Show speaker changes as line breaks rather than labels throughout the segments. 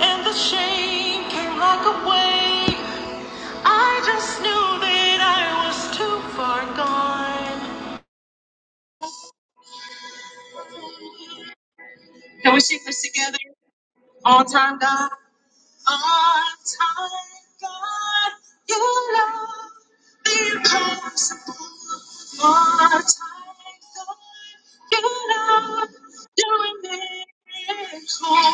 And the shame came like a wave. I just knew that I was too far gone. Can we sing this together? On time, God. On time, God. You love the impossible. On time, God. You love doing miracles.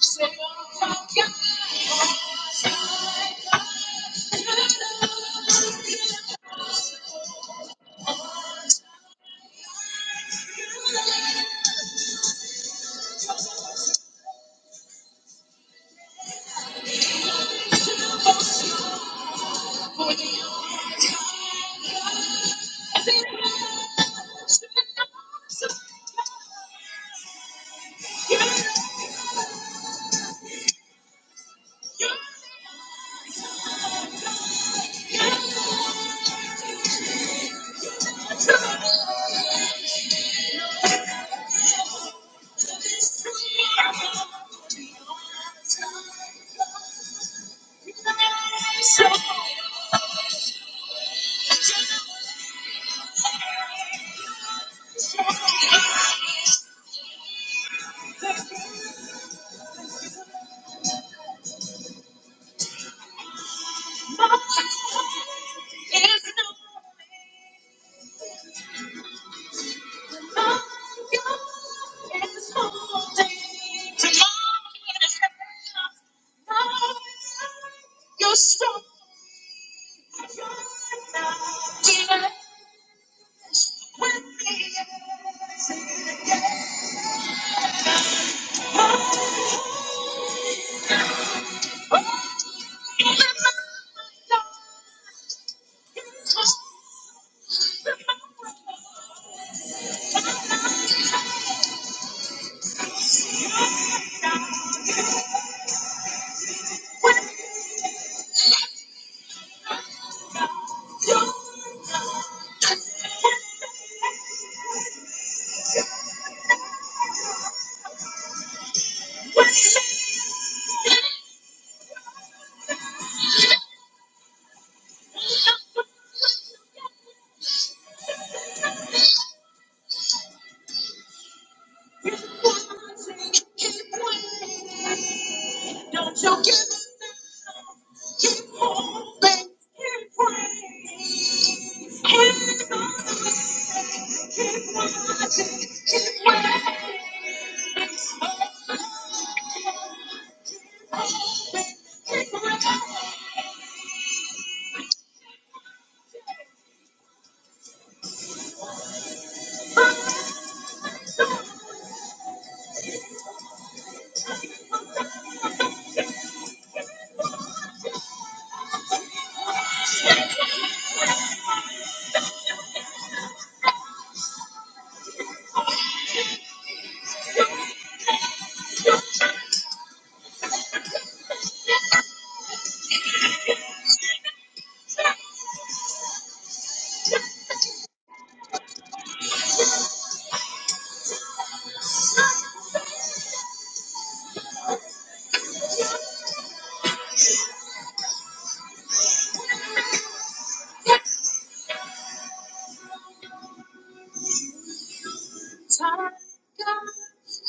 Say, oh, God, you love to see tomorrow. You're strong.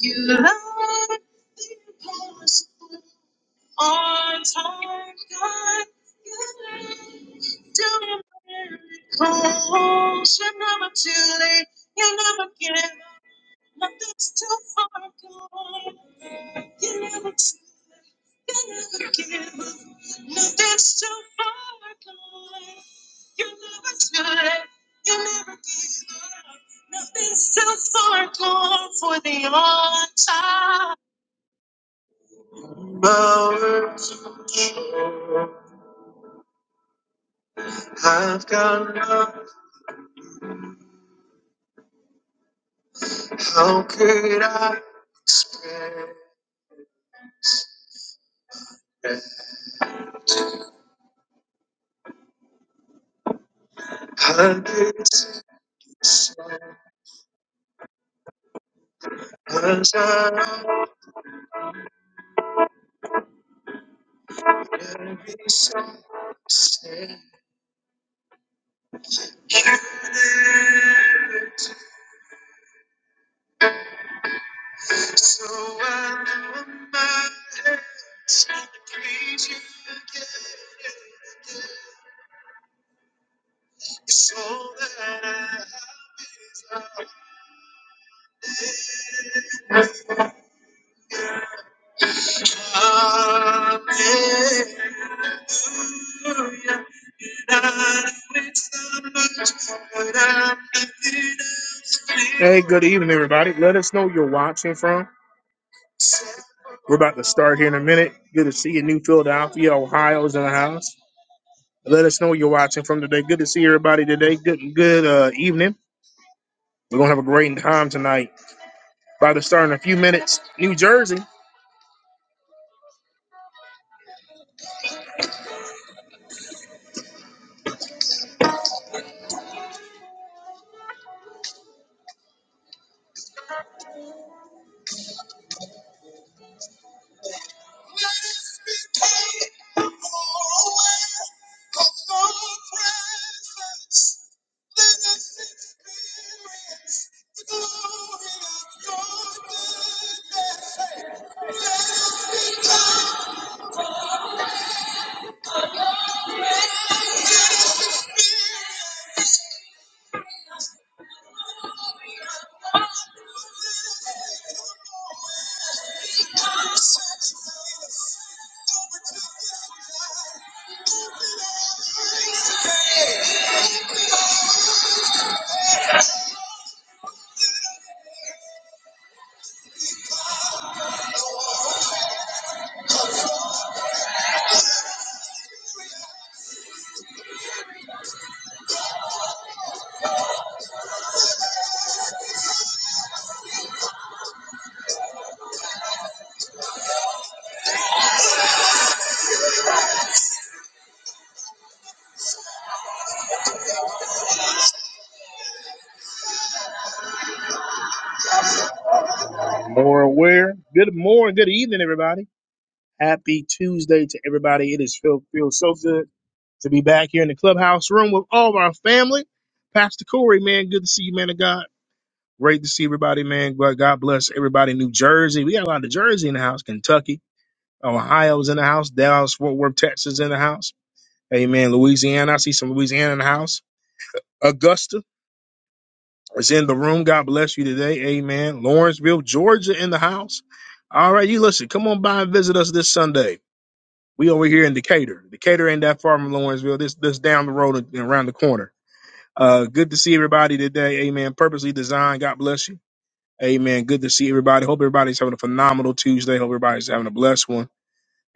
You love it past on time, God. You do miracles. You're never too late. You never give up. Nothing's too far gone. You never too Hours have gone on. How could I have been so? Cause I already so sad? You never So I lift my hands to praise you again. So that I hallelujah. Not with so much, but I'm lifted up. Hey, good evening, everybody. Let us know where you're watching from. We're about to start here in a minute. Good to see you, New Philadelphia, Ohio is in the house. Let us know where you're watching from today. Good to see everybody today. Good, good uh, evening. We're gonna have a great time tonight. About to start in a few minutes. New Jersey, more aware. Good morning, good evening, everybody. Happy Tuesday to everybody. It is feel feels so good to be back here in the clubhouse room with all of our family. Pastor Corey, man, good to see you, man of God. Great to see everybody, man. God God bless everybody. New Jersey, we got a lot of Jersey in the house. Kentucky, Ohio's in the house. Dallas, Fort Worth, Texas in the house. Amen. Louisiana, I see some Louisiana in the house. Augusta. is in the room. God bless you today. Amen. Lawrenceville, Georgia in the house. All right, you listen, come on by and visit us this Sunday. We over here in Decatur. Decatur ain't that far from Lawrenceville. This this down the road and around the corner. Uh good to see everybody today. Amen. Purposely designed. God bless you. Amen. Good to see everybody. Hope everybody's having a phenomenal Tuesday. Hope everybody's having a blessed one.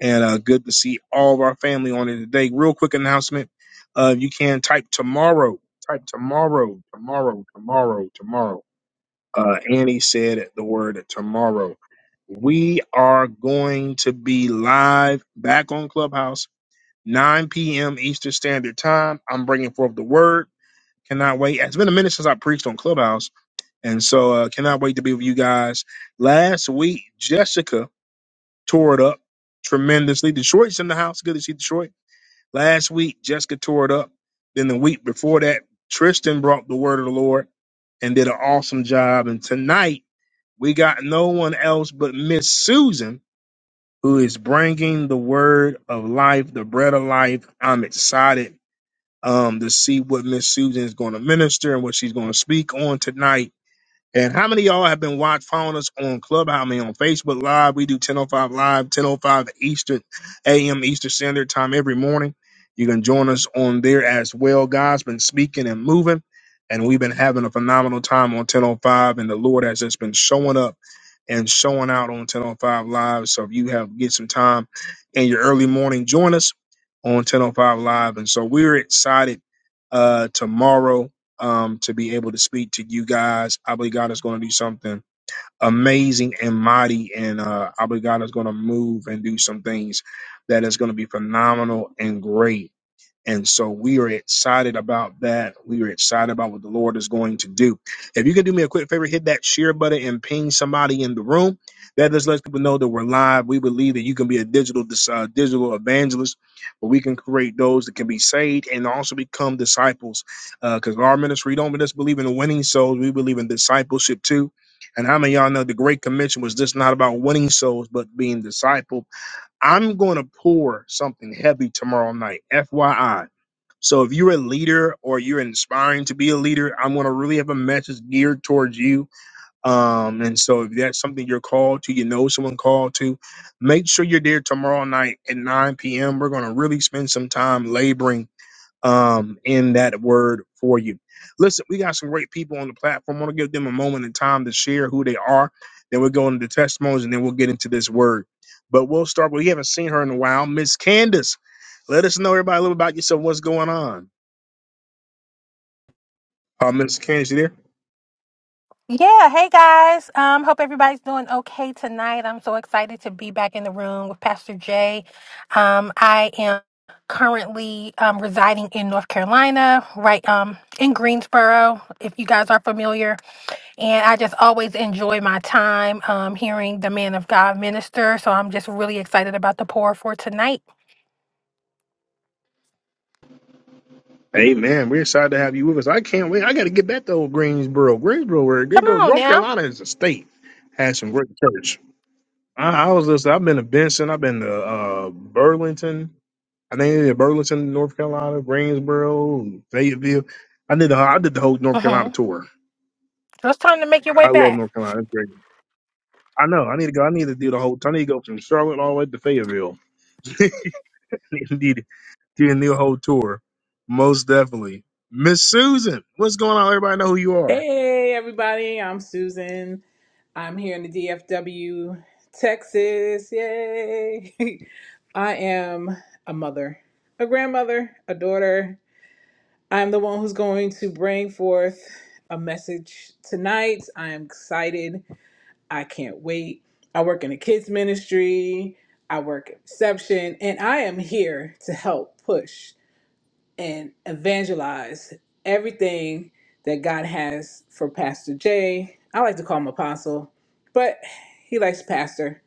And uh good to see all of our family on it today. Real quick announcement. Uh you can type tomorrow. Type tomorrow, tomorrow, tomorrow, tomorrow uh, Annie said the word tomorrow. We are going to be live back on Clubhouse, 9 p.m. Eastern Standard Time. I'm bringing forth the word. Cannot wait. It's been a minute since I preached on Clubhouse, and so uh, cannot wait to be with you guys. Last week, Jessica tore it up tremendously. Detroit's in the house. Good to see Detroit. Last week, Jessica tore it up. Then the week before that, Tristan brought the word of the Lord and did an awesome job. And tonight, we got no one else but Miss Susan who is bringing the word of life, the bread of life. I'm excited um, to see what Miss Susan is going to minister and what she's going to speak on tonight. And how many of y'all have been watch following us on Clubhouse? I mean, on Facebook Live, we do 10:05 Live, 10:05 Eastern AM Eastern Standard Time every morning. You can join us on there as well. God's been speaking and moving, and we've been having a phenomenal time on 10:05. And the Lord has just been showing up and showing out on 10:05 Live. So if you have get some time in your early morning, join us on 10:05 Live. And so we're excited uh, tomorrow um, to be able to speak to you guys. I believe God is going to do something amazing and mighty, and uh, I believe God is going to move and do some things that is going to be phenomenal and great. And so we are excited about that. We are excited about what the Lord is going to do. If you could do me a quick favor, hit that share button and ping somebody in the room. That just lets people know that we're live. We believe that you can be a digital dis- uh, digital evangelist, where we can create those that can be saved and also become disciples. Because our ministry, we don't just believe in winning souls, we believe in discipleship too. And how many of y'all know the Great Commission was just not about winning souls, but being discipled I'm going to pour something heavy tomorrow night, FYI. So if you're a leader or you're inspiring to be a leader, I'm going to really have a message geared towards you. Um, and so if that's something you're called to, you know someone called to, make sure you're there tomorrow night at 9 p.m. We're going to really spend some time laboring um, in that word for you. Listen, we got some great people on the platform. I want to give them a moment in time to share who they are. Then we'll go into the testimonies and then we'll get into this word. But we'll start. We haven't seen her in a while. Miss Candace, let us know everybody a little about yourself. What's going on? Uh, Miss Candace, you there?
Yeah, hey guys. Um, hope everybody's doing okay tonight. I'm so excited to be back in the room with Pastor Jay. Um, I am currently um, residing in North Carolina, right um, in Greensboro, if you guys are familiar. And I just always enjoy my time um, hearing the man of God minister. So I'm just really excited about the pour for tonight.
Amen. we're excited to have you with us. I can't wait. I got to get back to old Greensboro. Greensboro, where they
Come
go.
on
North
now.
Carolina is a state, has some great church. I, I was just, I've been to Benson, I've been to uh, Burlington. I think in Burleson, North Carolina, Greensboro, Fayetteville. I did the I did the whole North Carolina
Mm-hmm.
tour.
So it's time to make your way
I love
back.
North Carolina. It's great. I know. I need to go. I need to do the whole. I need to go from Charlotte all the way to Fayetteville. Indeed, do a new whole tour. Most definitely. Miss Susan, what's going on? Everybody know who you are.
Hey, everybody, I'm Susan. I'm here in the DFW, Texas. Yay! I am a mother, a grandmother, a daughter. I'm the one who's going to bring forth a message tonight. I am excited. I can't wait. I work in the kids' ministry, I work at reception, and I am here to help push and evangelize everything that God has for Pastor Jay. I like to call him Apostle, but he likes Pastor.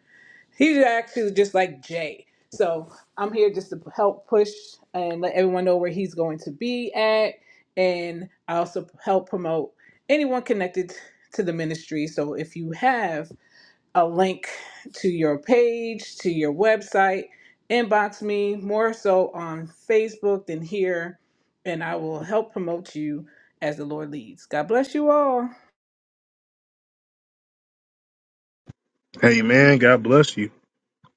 He's actually just like Jay. So I'm here just to help push and let everyone know where he's going to be at. And I also help promote anyone connected to the ministry. So if you have a link to your page, to your website, inbox me more so on Facebook than here, and I will help promote you as the Lord leads. God bless you all.
Hey man, God bless you.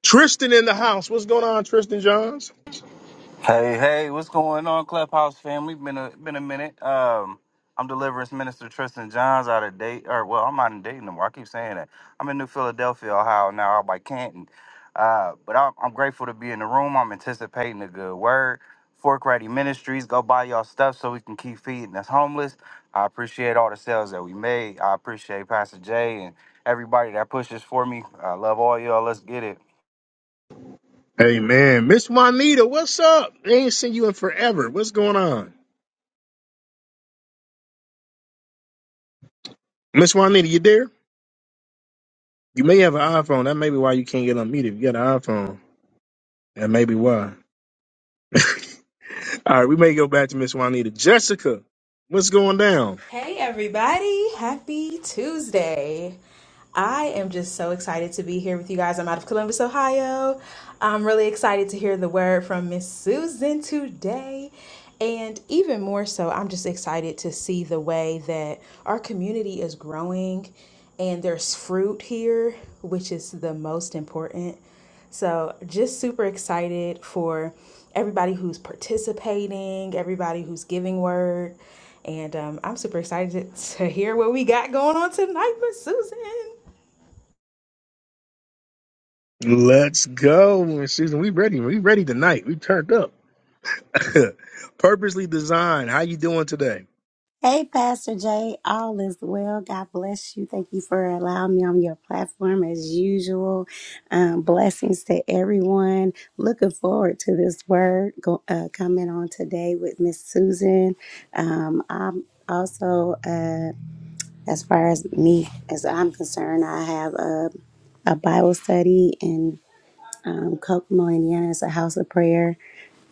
Tristan in the house. What's going on, Tristan Johns?
Hey, hey, what's going on, Clubhouse family? Been a been a minute. Um, I'm Deliverance Minister Tristan Johns out of date, or well, I'm not in Dayton no more. I keep saying that. I'm in New Philadelphia, Ohio now, out by Canton. Uh, but I'm, I'm grateful to be in the room. I'm anticipating a good word. Fork Ready Ministries, go buy y'all stuff so we can keep feeding us homeless. I appreciate all the sales that we made. I appreciate Pastor Jay and everybody that pushes for me. I love all y'all. Let's get it.
Hey man, Miss Juanita, what's up? I ain't seen you in forever. What's going on, Miss Juanita? You there? You may have an iPhone. That may be why you can't get unmuted. If you got an iPhone, that may be why. All right, we may go back to Miss Juanita. Jessica, what's going down?
Hey, everybody. Happy Tuesday. I am just so excited to be here with you guys. I'm out of Columbus, Ohio. I'm really excited to hear the word from Miss Susan today. And even more so, I'm just excited to see the way that our community is growing and there's fruit here, which is the most important. So, just super excited for everybody who's participating, everybody who's giving word. And um, I'm super excited to hear what we got going on tonight with Susan.
Let's go, Miss Susan. We ready. We ready tonight. We turned up. Purposely designed. How you doing today?
Hey, Pastor Jay, all is well. God bless you. Thank you for allowing me on your platform as usual. Um, blessings to everyone. Looking forward to this word go, uh, coming on today with Miss Susan. Um, I'm also, uh, as far as me, as I'm concerned, I have a, a Bible study um, Kokomo, Indiana is a house of prayer.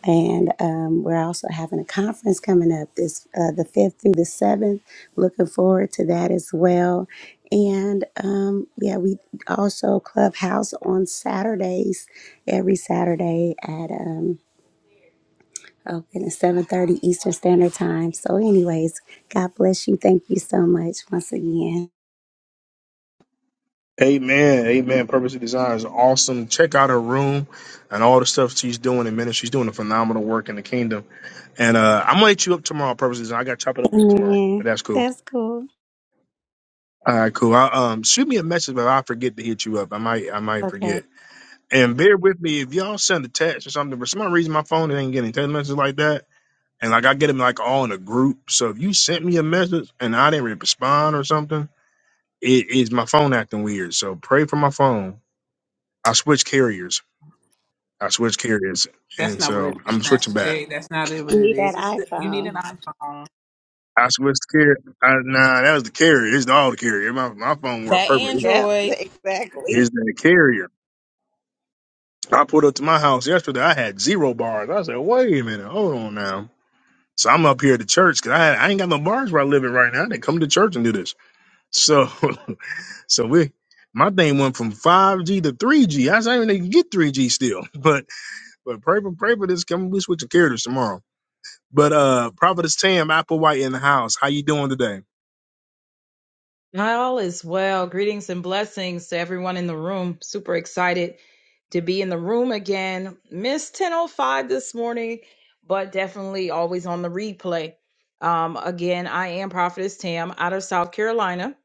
And um, we're also having a conference coming up this uh, the fifth through the seventh. Looking forward to that as well. And um, yeah, we also clubhouse on Saturdays, every Saturday at um, oh goodness, seven thirty Eastern Standard Time. So, anyways, God bless you. Thank you so much once again.
Amen. Amen. Purposely designed is awesome. Check out her room and all the stuff she's doing in ministry. She's doing a phenomenal work in the kingdom. And uh, I'm gonna hit you up tomorrow, Purposely Design. I gotta chop it up with you tomorrow.
Amen.
That's cool.
That's cool.
All right, cool. I, um, shoot me a message, but I forget to hit you up. I might, I might
Okay,
forget. And bear with me if y'all send a text or something. For some reason, my phone ain't getting text messages like that, and like I get them like all in a group. So if you sent me a message and I didn't respond or something, it is my phone acting weird. So pray for my phone. I switched carriers. I switched carriers,
That's
and
not what it
so
is,
I'm switching
Pastor
back.
Jay. That's not it- what
you
it
need that
is. It's that you need an
iPhone.
iPhone.
I switched carrier. I, nah, that was the carrier. It's all the carrier. My my phone worked
That
perfect.
Yep,
Android.
exactly.
It's the carrier. I pulled up to my house yesterday. I had zero bars. I said, wait a minute, hold on now. So I'm up here at the church because I, I ain't got no bars where I live in right now. I didn't come to church and do this. So, so we, my thing went from 5G to 3G. I was not even able to get 3G still, but but pray for pray for this. Come, we switching characters tomorrow. But uh, Providence Tam Applewhite in the house. How you doing today?
Not All is well. Greetings and blessings to everyone in the room. Super excited to be in the room again. Miss 1005 this morning, but definitely always on the replay. Um, again, I am Prophetess Tam out of South Carolina.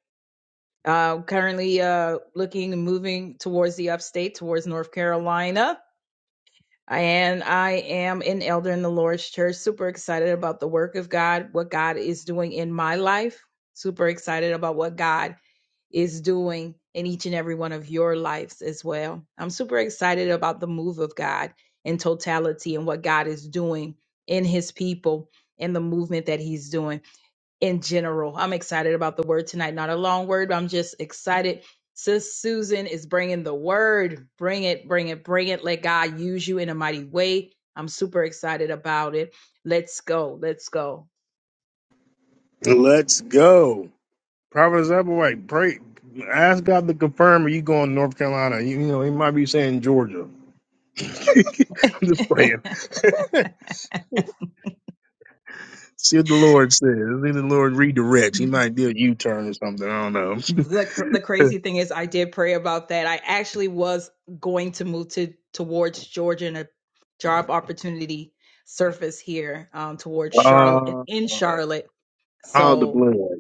Uh, currently uh, looking and moving towards the upstate, towards North Carolina. And I am an elder in the Lord's Church. Super excited about the work of God, what God is doing in my life. Super excited about what God is doing in each and every one of your lives as well. I'm super excited about the move of God in totality and what God is doing in his people and the movement that he's doing in general. I'm excited about the word tonight. Not a long word, but I'm just excited. Sis Susan is bringing the word. Bring it, bring it, bring it. Let God use you in a mighty way. I'm super excited about it. Let's go. Let's go.
Let's go, Providence Applewhite. Pray, ask God to confirm. Are you going to North Carolina? You, you know, he might be saying Georgia. I'm just playing. See what the Lord says. See the Lord redirects. He might do a U turn or something. I don't know.
the cr- the crazy thing is I did pray about that. I actually was going to move to towards Georgia and a job opportunity surfaced here um towards Charlotte
Uh,
in Charlotte.
all the
So,
blood.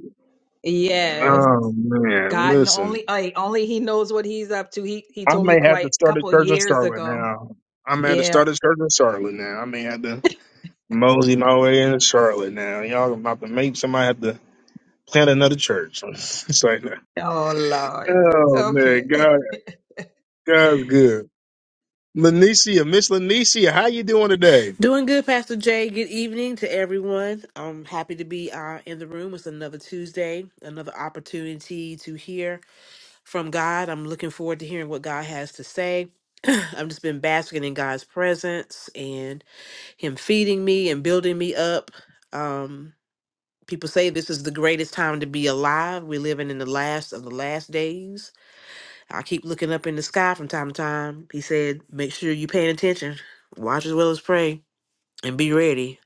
yes,
Oh man,
God kn-
listen.
only I, only he knows what he's up to. He he
I
told me
may have
quite
to
a
start a
couple of
church in
years
Charlotte
ago.
now. I may have to
Yeah.
start a church in Charlotte now. I may have to mosey my way into Charlotte now. Y'all about to make somebody have to plant another church. it's like,
Oh Lord.
oh
Okay.
man, God, God's good. Lanicia, Miss Lanicia, how you doing today?
Doing good, Pastor Jay. Good evening to everyone. I'm happy to be uh, in the room. It's another Tuesday, another opportunity to hear from God. I'm looking forward to hearing what God has to say. I've just been basking in God's presence and Him feeding me and building me up. Um, people say this is the greatest time to be alive. We're living in the last of the last days. I keep looking up in the sky from time to time. He said, Make sure you're paying attention, watch as well as pray, and be ready.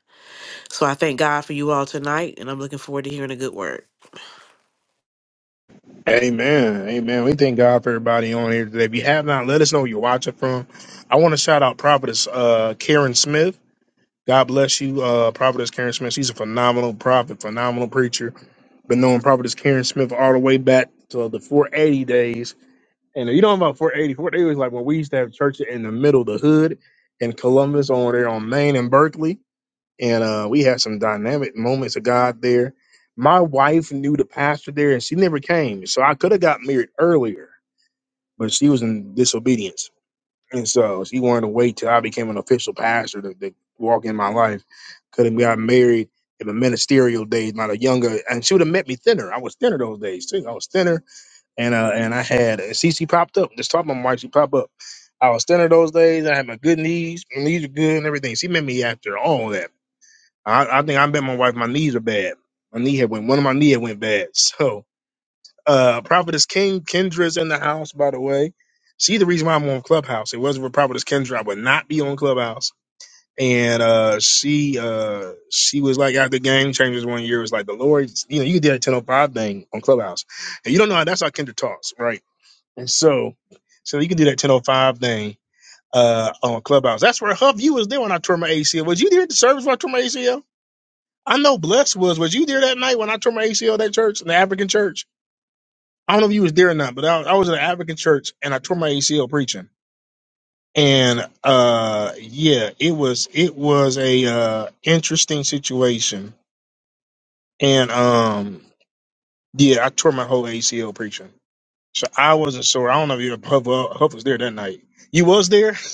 So I thank God for you all tonight, and I'm looking forward to hearing a good word.
Amen. Amen. We thank God for everybody on here today. If you have not, let us know where you're watching from. I want to shout out Prophetess uh, Karen Smith. God bless you, uh, Prophetess Karen Smith. She's a phenomenal prophet, phenomenal preacher. Been knowing Prophetess Karen Smith all the way back to the 480 days. And you know about 480? 480 was like when we used to have church in the middle of the hood in Columbus, over there on Main and Berkeley and uh, we had some dynamic moments of God there. My wife knew the pastor there, and she never came, so I could have got married earlier, but she was in disobedience, and so she wanted to wait till I became an official pastor to, to walk in my life. Could have got married in the ministerial days, not a younger, and she would have met me thinner. I was thinner those days too. I was thinner, and uh, and I had and CC popped up. Just talking about my wife, she popped up. I was thinner those days. I had my good knees. My knees were good and everything. She met me after all that. I, I think I bet my wife my knees are bad. My knee had went one of my knee had went bad. So uh Prophetess King Kendra's in the house, by the way. She the reason why I'm on Clubhouse. It wasn't for Prophetess Kendra, I would not be on Clubhouse. And uh she uh she was like after game changers one year, it was like the Lord, you know, you can do that 1005 thing on Clubhouse. And you don't know how that's how Kendra talks, right? And so so you can do that 1005 thing uh on Clubhouse. That's where her viewers did when I tore my ACL. Was you there at the service when I tore my ACL? I know Bless was. Was you there that night when I tore my ACL at that church, in the African church? I don't know if you was there or not, but I, I was in an African church and I tore my ACL preaching. And uh yeah, it was it was a uh interesting situation. And um yeah, I tore my whole ACL preaching. So I wasn't sore I don't know if you Huff, uh, Huff was there that night. You was there?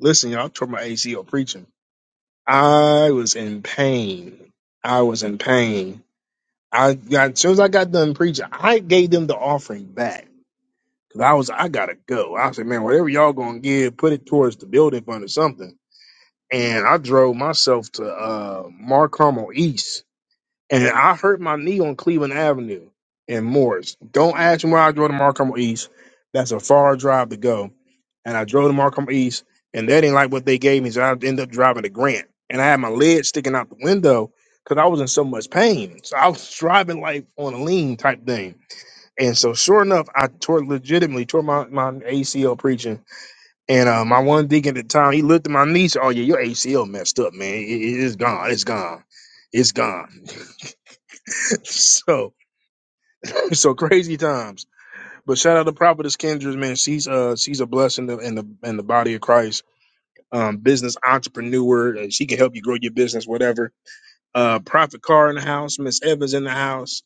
Listen, y'all, I tore my ACL preaching. I was in pain. I was in pain I got as soon as I got done preaching, I gave them the offering back. Cause I was I gotta go. I said, man, whatever y'all gonna give, put it towards the building fund or something. And I drove myself to uh Mark Carmel East and I hurt my knee on Cleveland Avenue in Morris. Don't ask me where I drove to Markham East. That's a far drive to go. And I drove to Markham East, and they didn't like what they gave me, so I ended up driving to Grant. And I had my leg sticking out the window because I was in so much pain. So I was driving like on a lean type thing. And so, sure enough, I tore legitimately tore my, my ACL preaching. And uh, my one deacon at the time, he looked at my knee, and said, "Oh yeah, your ACL messed up, man. It- it- it's gone. It's gone. It's gone." so so crazy times. But shout out to Prophetess Kendra's man. She's uh she's a blessing in the in the, in the body of Christ. Um, business entrepreneur. and She can help you grow your business, whatever. Uh, Prophet Carr in the house. Miss Evans in the house.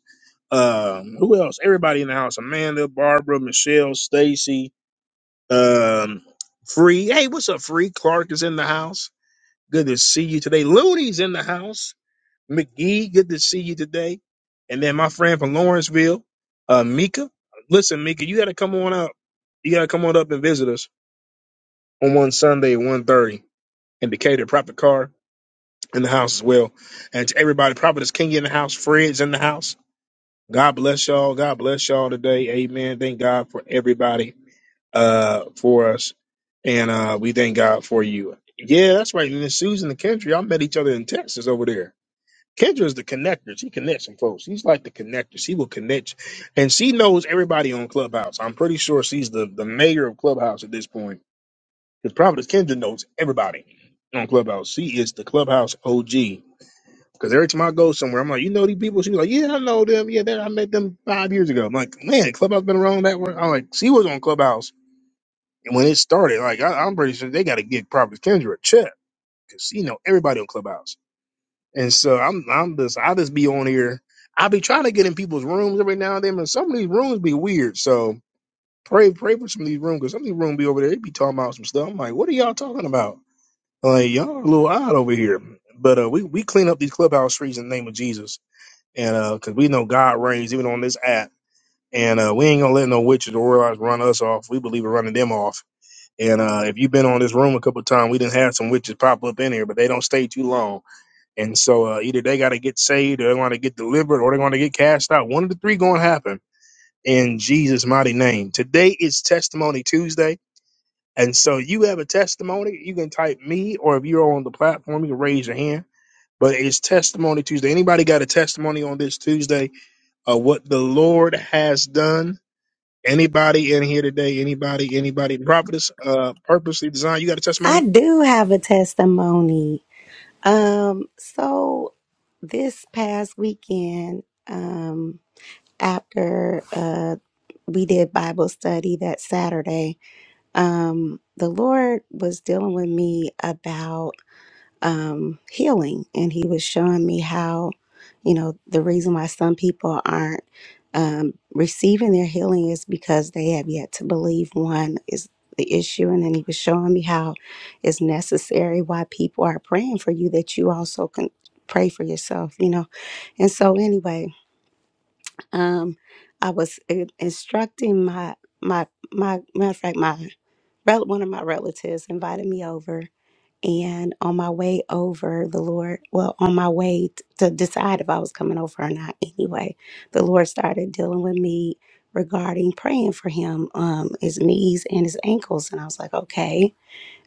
Um, who else? Everybody in the house. Amanda, Barbara, Michelle, Stacy. Um, Free. Hey, what's up, Free? Clark is in the house. Good to see you today. Looney's in the house. McGee, good to see you today. And then my friend from Lawrenceville, uh, Mika. Listen, Mika, you got to come on up. You got to come on up and visit us on one Sunday at one thirty. in Decatur. Prophet Car in the house as well. And to everybody, Prophet is King in the house. Fred's in the house. God bless y'all. God bless y'all today. Amen. Thank God for everybody uh, for us. And uh, we thank God for you. Yeah, that's right. And Susan and Kendra, y'all met each other in Texas over there. Kendra's the connector. She connects some folks. She's like the connector. She will connect, and she knows everybody on Clubhouse. I'm pretty sure she's the the mayor of Clubhouse at this point because Providence Kendra knows everybody on Clubhouse. She is the Clubhouse OG. Because every time I go somewhere, I'm like, you know these people. She's like, yeah, I know them. Yeah, that I met them five years ago. I'm like, man, Clubhouse been around that long. I'm like, she was on Clubhouse when it started. Like, I, I'm pretty sure they got to give Providence Kendra a check because she know everybody on Clubhouse. And so I'm I'm just I just be on here. I be trying to get in people's rooms every now and then, but some of these rooms be weird. So pray pray for some of these rooms because some of these rooms be over there. They be talking about some stuff. I'm like, what are y'all talking about? Like y'all a little odd over here. But uh, we we clean up these clubhouse streets in the name of Jesus, and uh, because we know God reigns even on this app, and uh, we ain't gonna let no witches or warlocks run us off. We believe in running them off. And uh, if you've been on this room a couple of times, we didn't have some witches pop up in here, but they don't stay too long and so uh, either they got to get saved or they're going to get delivered or they're going to get cast out. One of the three going to happen in Jesus' mighty name. Today is Testimony Tuesday. And so you have a testimony, you can type me or if you're on the platform, you can raise your hand. But it's Testimony Tuesday. Anybody got a testimony on this Tuesday of what the Lord has done? Anybody in here today? Anybody? Anybody? Prophetess, uh, purposely designed. You got a
I
testimony?
do have a testimony. Um, so this past weekend, um, after uh, we did Bible study that Saturday, um, the Lord was dealing with me about um, healing. And he was showing me how, you know, the reason why some people aren't um, receiving their healing is because they have yet to believe one is the issue. And then he was showing me how it's necessary why people are praying for you that you also can pray for yourself, you know. And so, anyway, um, I was in- instructing my, my, my, matter of fact, my, rel- one of my relatives invited me over and on my way over, the Lord, well, on my way t- to decide if I was coming over or not anyway, the Lord started dealing with me regarding praying for him, um, his knees and his ankles. And I was like, okay,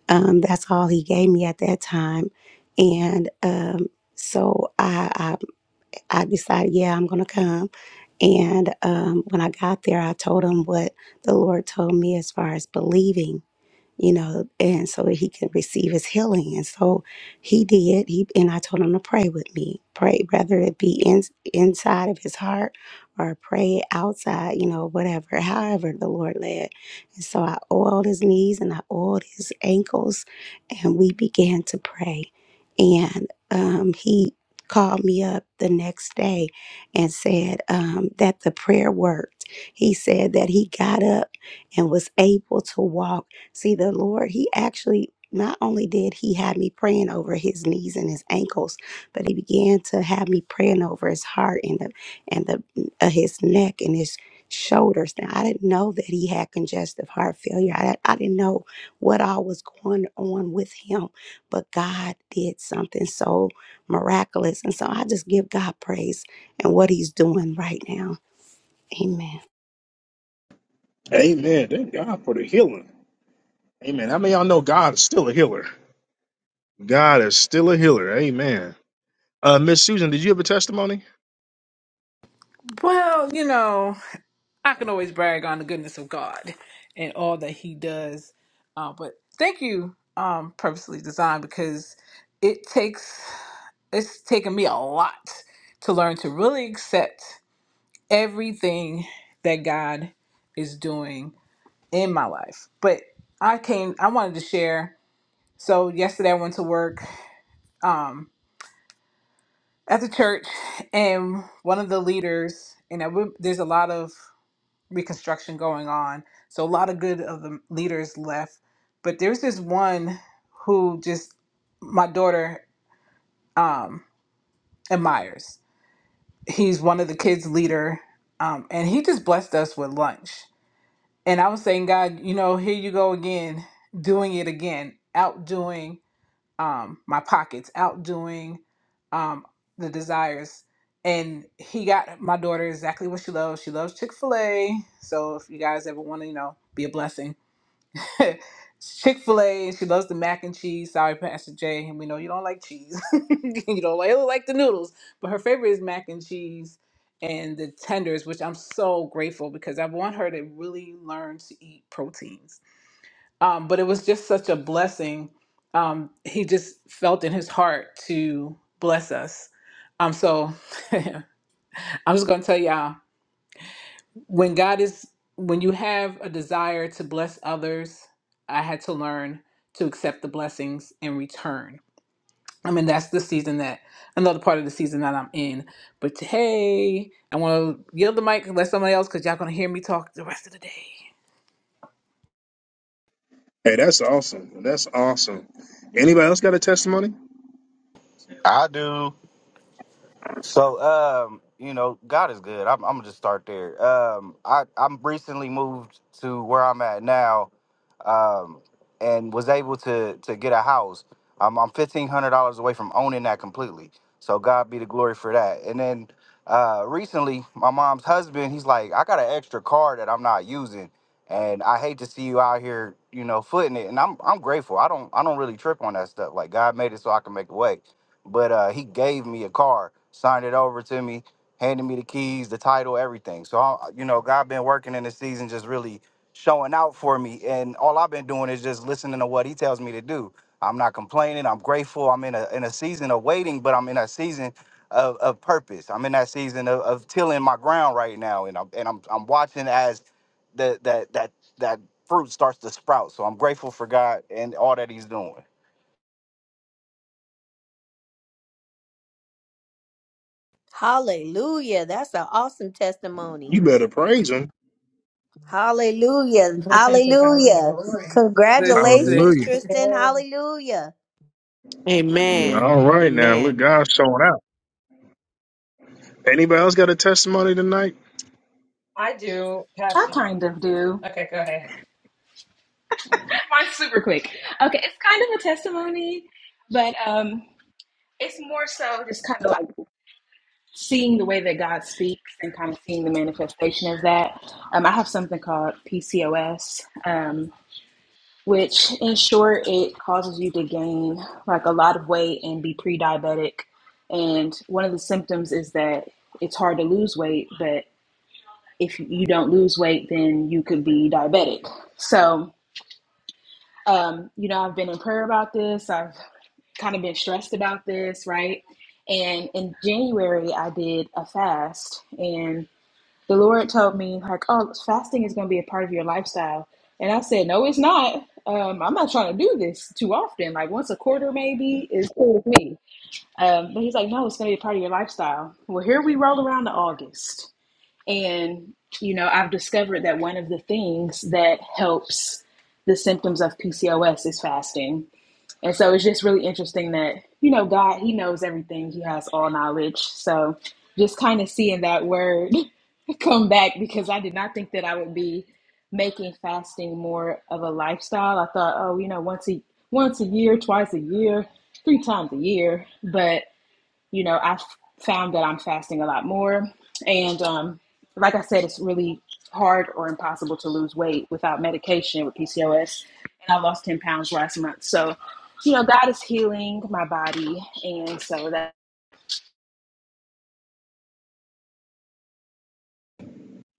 um, that's all he gave me at that time. And um, so I, I, I decided, yeah, I'm going to come. And um, when I got there, I told him what the Lord told me as far as believing you know, and so that he can receive his healing. And so he did. He and I told him to pray with me. Pray, whether it be in, inside of his heart or pray outside, you know, whatever, however the Lord led. And so I oiled his knees and I oiled his ankles and we began to pray. And um, he called me up the next day and said um, that the prayer worked. He said that he got up and was able to walk See, the Lord, He actually not only did He have me praying over his knees and his ankles, but He began to have me praying over his heart and the and the uh, his neck and his shoulders. Now, I didn't know that he had congestive heart failure. I I didn't know what all was going on with him, but God did something so miraculous, and so I just give God praise and what He's doing right now. Amen.
Amen. Thank God for the healing. Amen. How many of y'all know God is still a healer? God is still a healer. Amen. Uh, Miss Susan, did you have a testimony?
Well, you know, I can always brag on the goodness of God and all that He does. Uh, but thank you, um, purposely designed because it takes. it's taken me a lot to learn to really accept everything that God is doing in my life. But I came, I wanted to share. So yesterday I went to work um, at the church, and one of the leaders, and I, would- there's a lot of reconstruction going on, so a lot of good of the leaders left. But there's this one who just my daughter um, admires he's one of the kids leader um, and he just blessed us with lunch and i was saying god you know here you go again doing it again outdoing um, my pockets outdoing um, the desires and he got my daughter exactly what she loves she loves chick-fil-a so if you guys ever want to you know be a blessing Chick Fil A. She loves the mac and cheese. Sorry, Pastor Jay, and we know you don't like cheese. you don't like, like the noodles, but her favorite is mac and cheese and the tenders, which I'm so grateful because I want her to really learn to eat proteins. Um, but it was just such a blessing. Um, he just felt in his heart to bless us. Um, so I'm just gonna tell y'all when God is when you have a desire to bless others, I had to learn to accept the blessings in return. I mean, that's the season that another part of the season that I'm in. But hey, I want to yield the mic and let somebody else because y'all gonna hear me talk the rest of the day.
Hey, that's awesome. That's awesome. Anybody else got a testimony?
I do. So, um, you know, God is good. I'm, I'm gonna just start there. Um, I I'm recently moved to where I'm at now, um, and was able to to get a house. Um, I'm fifteen hundred dollars away from owning that completely. So God be the glory for that. And then, uh, recently, my mom's husband, he's like, I got an extra car that I'm not using, and I hate to see you out here, you know, footing it. And I'm I'm grateful. I don't I don't really trip on that stuff. Like God made it so I can make a way but uh, he gave me a car, signed it over to me, handed me the keys, the title, everything. So I, you know, God been working in the season, just really showing out for me, and all I've been doing is just listening to what He tells me to do. I'm not complaining. I'm grateful. I'm in a in a season of waiting, but I'm in a season of, of purpose. I'm in that season of, of tilling my ground right now, and I'm and I'm I'm watching as the that that that fruit starts to sprout. So I'm grateful for God and all that He's doing.
Hallelujah. That's an awesome testimony.
You better praise him.
Hallelujah.
Listen to God be the
Hallelujah.
glory.
Listen,
Congratulations,
Hallelujah.
Tristan.
Yes,
Hallelujah.
Amen.
All right now. Look,
Amen.
God's showing out. Anybody else got a testimony tonight?
I do,
I
Pastor. J-
kind of do.
Okay, go ahead.
Mine's super quick. Okay, it's kind of a testimony, but um, it's more so just kind of like seeing the way that God speaks and kind of seeing the manifestation of that. Um, I have something called PCOS, Um. which in short it causes you to gain like a lot of weight and be pre-diabetic and one of the symptoms is that it's hard to lose weight but if you don't lose weight then you could be diabetic so um, you know i've been in prayer about this i've kind of been stressed about this right and in january i did a fast and the Lord told me like, "Oh, fasting is going to be a part of your lifestyle," and I said, "No, it's not. Um, I'm not trying to do this too often. Like once a quarter, maybe is cool with me." Um, but he's like, "No, it's going to be a part of your lifestyle." Well, here we roll around to August, and you know, I've discovered that one of the things that helps the symptoms of PCOS is fasting. And so it's just really interesting that, you know, God, He knows everything, He has all knowledge. So just kind of seeing that word come back because I did not think that I would be making fasting more of a lifestyle. I thought, oh, you know, once a once a year, twice a year, three times a year. But you know, I've found that I'm fasting a lot more. And um, like I said, it's really hard or impossible to lose weight without medication with PCOS. And I lost 10 pounds last month. So, you know, God is healing my body. And so that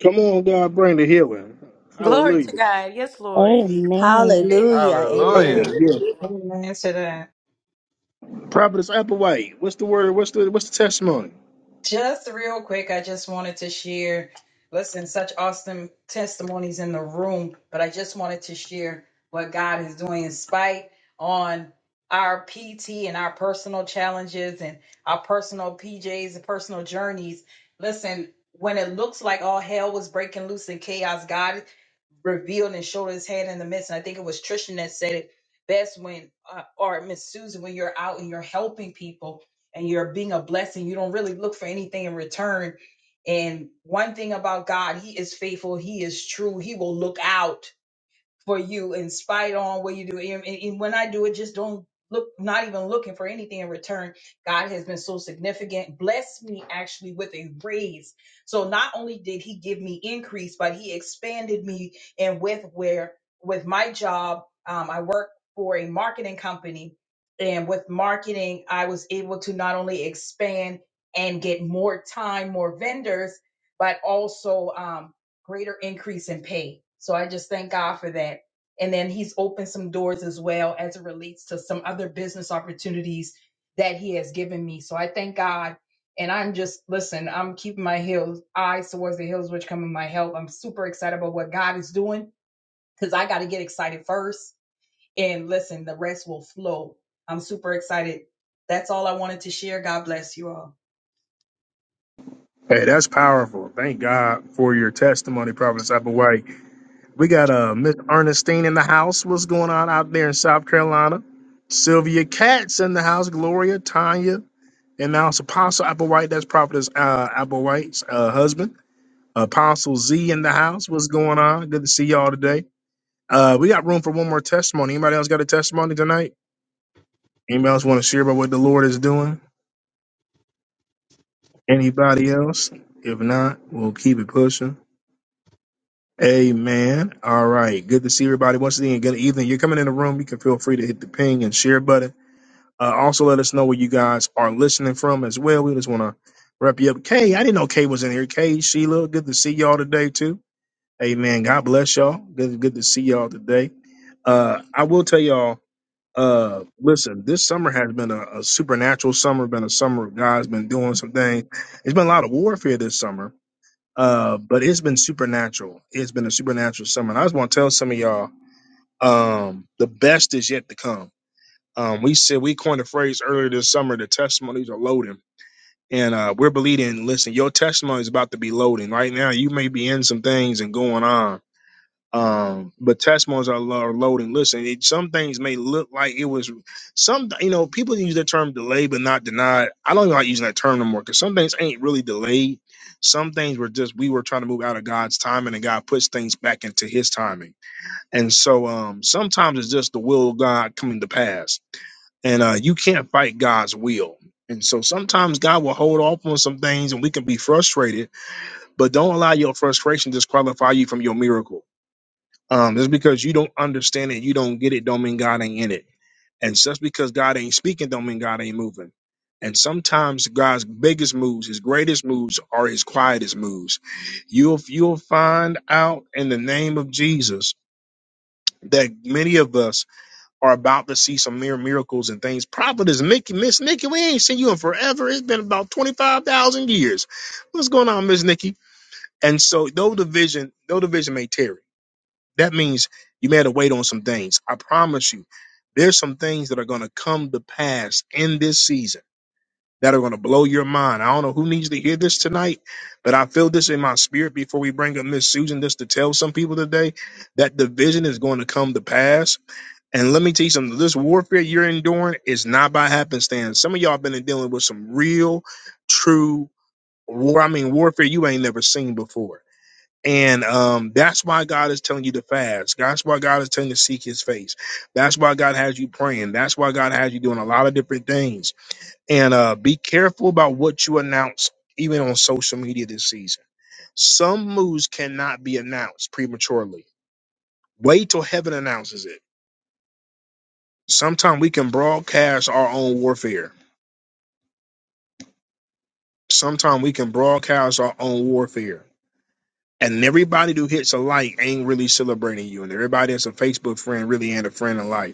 Come on, God, bring the healing.
Glory to
Hallelujah.
God. Yes, Lord.
Amen.
Hallelujah.
Bring
Hallelujah.
Amen.
the healing.
Amen to that.
Prophetess Applewhite, what's the word? What's the what's the testimony?
Just real quick, I just wanted to share. Listen, such awesome testimonies in the room, but I just wanted to share what God is doing in spite on our PT and our personal challenges and our personal PJs and personal journeys. Listen, when it looks like all hell was breaking loose and chaos, God revealed and showed his hand in the midst. And I think it was Trishan that said it best when, uh, or Miss Susan, when you're out and you're helping people and you're being a blessing. You don't really look for anything in return. And one thing about God, He is faithful, He is true, He will look out for you in spite on what you do. And, and- and when I do it, just don't look, not even looking for anything in return. God has been so significant, blessed me actually with a raise. So not only did he give me increase, but he expanded me and with where, with my job, um, I work for a marketing company and with marketing, I was able to not only expand and get more time, more vendors, but also, um, greater increase in pay. So I just thank God for that. And then he's opened some doors as well as it relates to some other business opportunities that he has given me. So I thank God. And I'm just, listen, I'm keeping my hills eyes towards the hills, which come in my help. I'm super excited about what God is doing because I got to get excited first. And listen, the rest will flow. I'm super excited. That's all I wanted to share. God bless you all.
Hey, that's powerful. Thank God for your testimony, Prophetess Applewhite. We got uh Miss Ernestine in the house. What's going on out there in South Carolina? Sylvia Katz in the house. Gloria, Tanya, and now it's Apostle Applewhite. That's Prophetess uh, Applewhite's uh, husband. Apostle Z in the house. What's going on? Good to see y'all today. Uh, we got room for one more testimony. Anybody else got a testimony tonight? Anybody else want to share about what the Lord is doing? Anybody else? If not, we'll keep it pushing. Amen. All right. Good to see everybody once again. Good evening. You're coming in the room. You can feel free to hit the ping and share button. Uh, also, let us know where you guys are listening from as well. We just want to wrap you up. Kay, I didn't know Kay was in here. Kay, Sheila, good to see y'all today too. Amen. God bless y'all. Good, good to see y'all today. Uh, I will tell y'all. Uh, listen, this summer has been a, a supernatural summer. Been a summer of God's been doing some things. It's been a lot of warfare this summer uh, but it's been supernatural. It's been a supernatural summer. And I just want to tell some of y'all, um, the best is yet to come. Um, we said we coined a phrase earlier this summer. The testimonies are loading, and uh, we're believing. Listen, your testimony is about to be loading right now. You may be in some things and going on. Um, but testimonies are, lo- are loading. Listen, it, some things may look like it was some, you know, people use the term delay but not denied. I don't even like using that term no more because some things ain't really delayed. Some things were just we were trying to move out of God's timing and God puts things back into his timing. And so um sometimes it's just the will of God coming to pass. And uh you can't fight God's will. And so sometimes God will hold off on some things and we can be frustrated, but don't allow your frustration disqualify you from your miracle um, just because you don't understand it, you don't get it, don't mean God ain't in it. And just because God ain't speaking, don't mean God ain't moving. And sometimes God's biggest moves, his greatest moves, are his quietest moves. You'll you'll find out in the name of Jesus that many of us are about to see some mere miracles and things. Prophet is Nikki, Miss Nikki, we ain't seen you in forever. It's been about twenty five thousand years. What's going on, Miss Nikki? And so though the vision, though the vision may tarry. That means you may have to wait on some things. I promise you, there's some things that are going to come to pass in this season that are going to blow your mind. I don't know who needs to hear this tonight, but I feel this in my spirit before we bring up Miss Susan just to tell some people today that the vision is going to come to pass. And let me tell you something this warfare you're enduring is not by happenstance. Some of y'all been dealing with some real, true war. I mean, warfare you ain't never seen before and um, that's why God is telling you to fast. That's why God is telling you to seek His face. That's why God has you praying. That's why God has you doing a lot of different things. And uh, be careful about what you announce, even on social media this season. Some moves cannot be announced prematurely. Wait till heaven announces it. Sometimes we can broadcast our own warfare. Sometimes we can broadcast our own warfare. And everybody who hits a like ain't really celebrating you. And everybody that's a Facebook friend really ain't a friend in life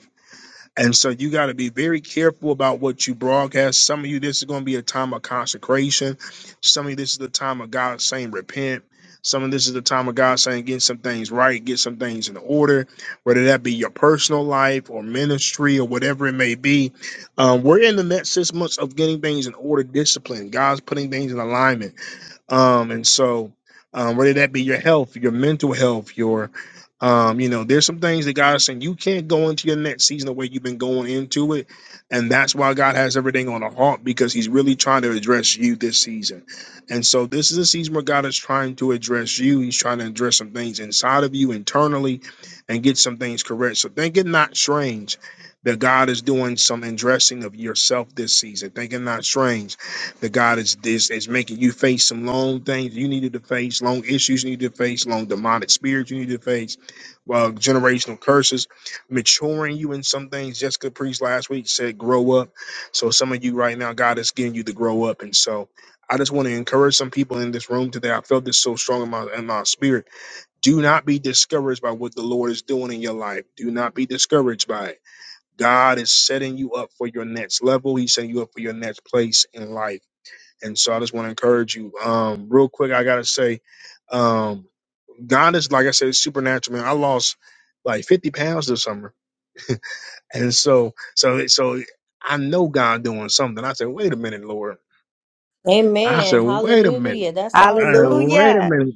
And so you got to be very careful about what you broadcast. Some of you, this is going to be a time of consecration. Some of you, this is the time of God saying, repent. Some of this is the time of God saying, get some things right, get some things in order, whether that be your personal life or ministry or whatever it may be. Um, we're in the next six months of getting things in order, discipline. God's putting things in alignment. Um, and so, um, whether that be your health, your mental health, your, um, you know, there's some things that God is saying you can't go into your next season the way you've been going into it, and that's why God has everything on a halt because He's really trying to address you this season. And so, this is a season where God is trying to address you. He's trying to address some things inside of you internally, and get some things correct. So, think it not strange that God is doing some addressing of yourself this season. Think it not strange the God is this is making you face some long things you needed to face, long issues you need to face, long demonic spirits you need to face, uh, generational curses, maturing you in some things. Jessica Priest last week said, "Grow up." So some of you right now, God is getting you to grow up, and so I just want to encourage some people in this room today. I felt this so strong in my in my spirit. Do not be discouraged by what the Lord is doing in your life. Do not be discouraged by it. God is setting you up for your next level. He's setting you up for your next place in life. And so I just want to encourage you. Um, real quick, I gotta say, um, God is like I said, supernatural. Man, I lost like fifty pounds this summer, and so so so I know God doing something. I said, wait a minute, Lord. I said,
Amen.
wait a minute.
Hallelujah. That's
I said,
awesome.
wait a
Hallelujah.
minute.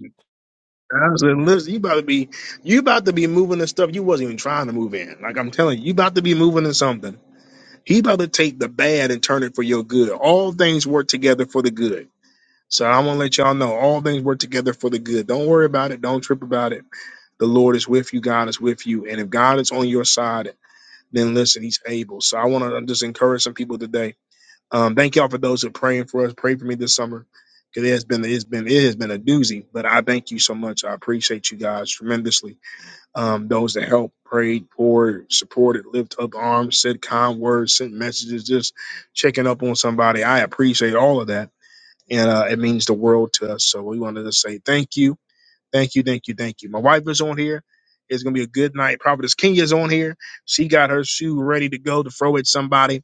I said, listen, you about to be you about to be moving the stuff you wasn't even trying to move in. Like I'm telling you, you about to be moving in something. He about to take the bad and turn it for your good. All things work together for the good. So I want to let y'all know all things work together for the good. Don't worry about it. Don't trip about it. The Lord is with you. God is with you. And if God is on your side, then listen, He's able. So I want to just encourage some people today. Um, thank y'all for those who are praying for us. Pray for me this summer because it has been it's been it has been a doozy. But I thank you so much. I appreciate you guys tremendously. Um, those that helped, prayed, poured, supported, lifted up arms, said kind words, sent messages, just checking up on somebody. I appreciate all of that and uh, it means the world to us. So we wanted to say thank you, thank you, thank you, thank you. My wife is on here. It's gonna be a good night. Prophetess Kenya is on here. She got her shoe ready to go to throw at somebody,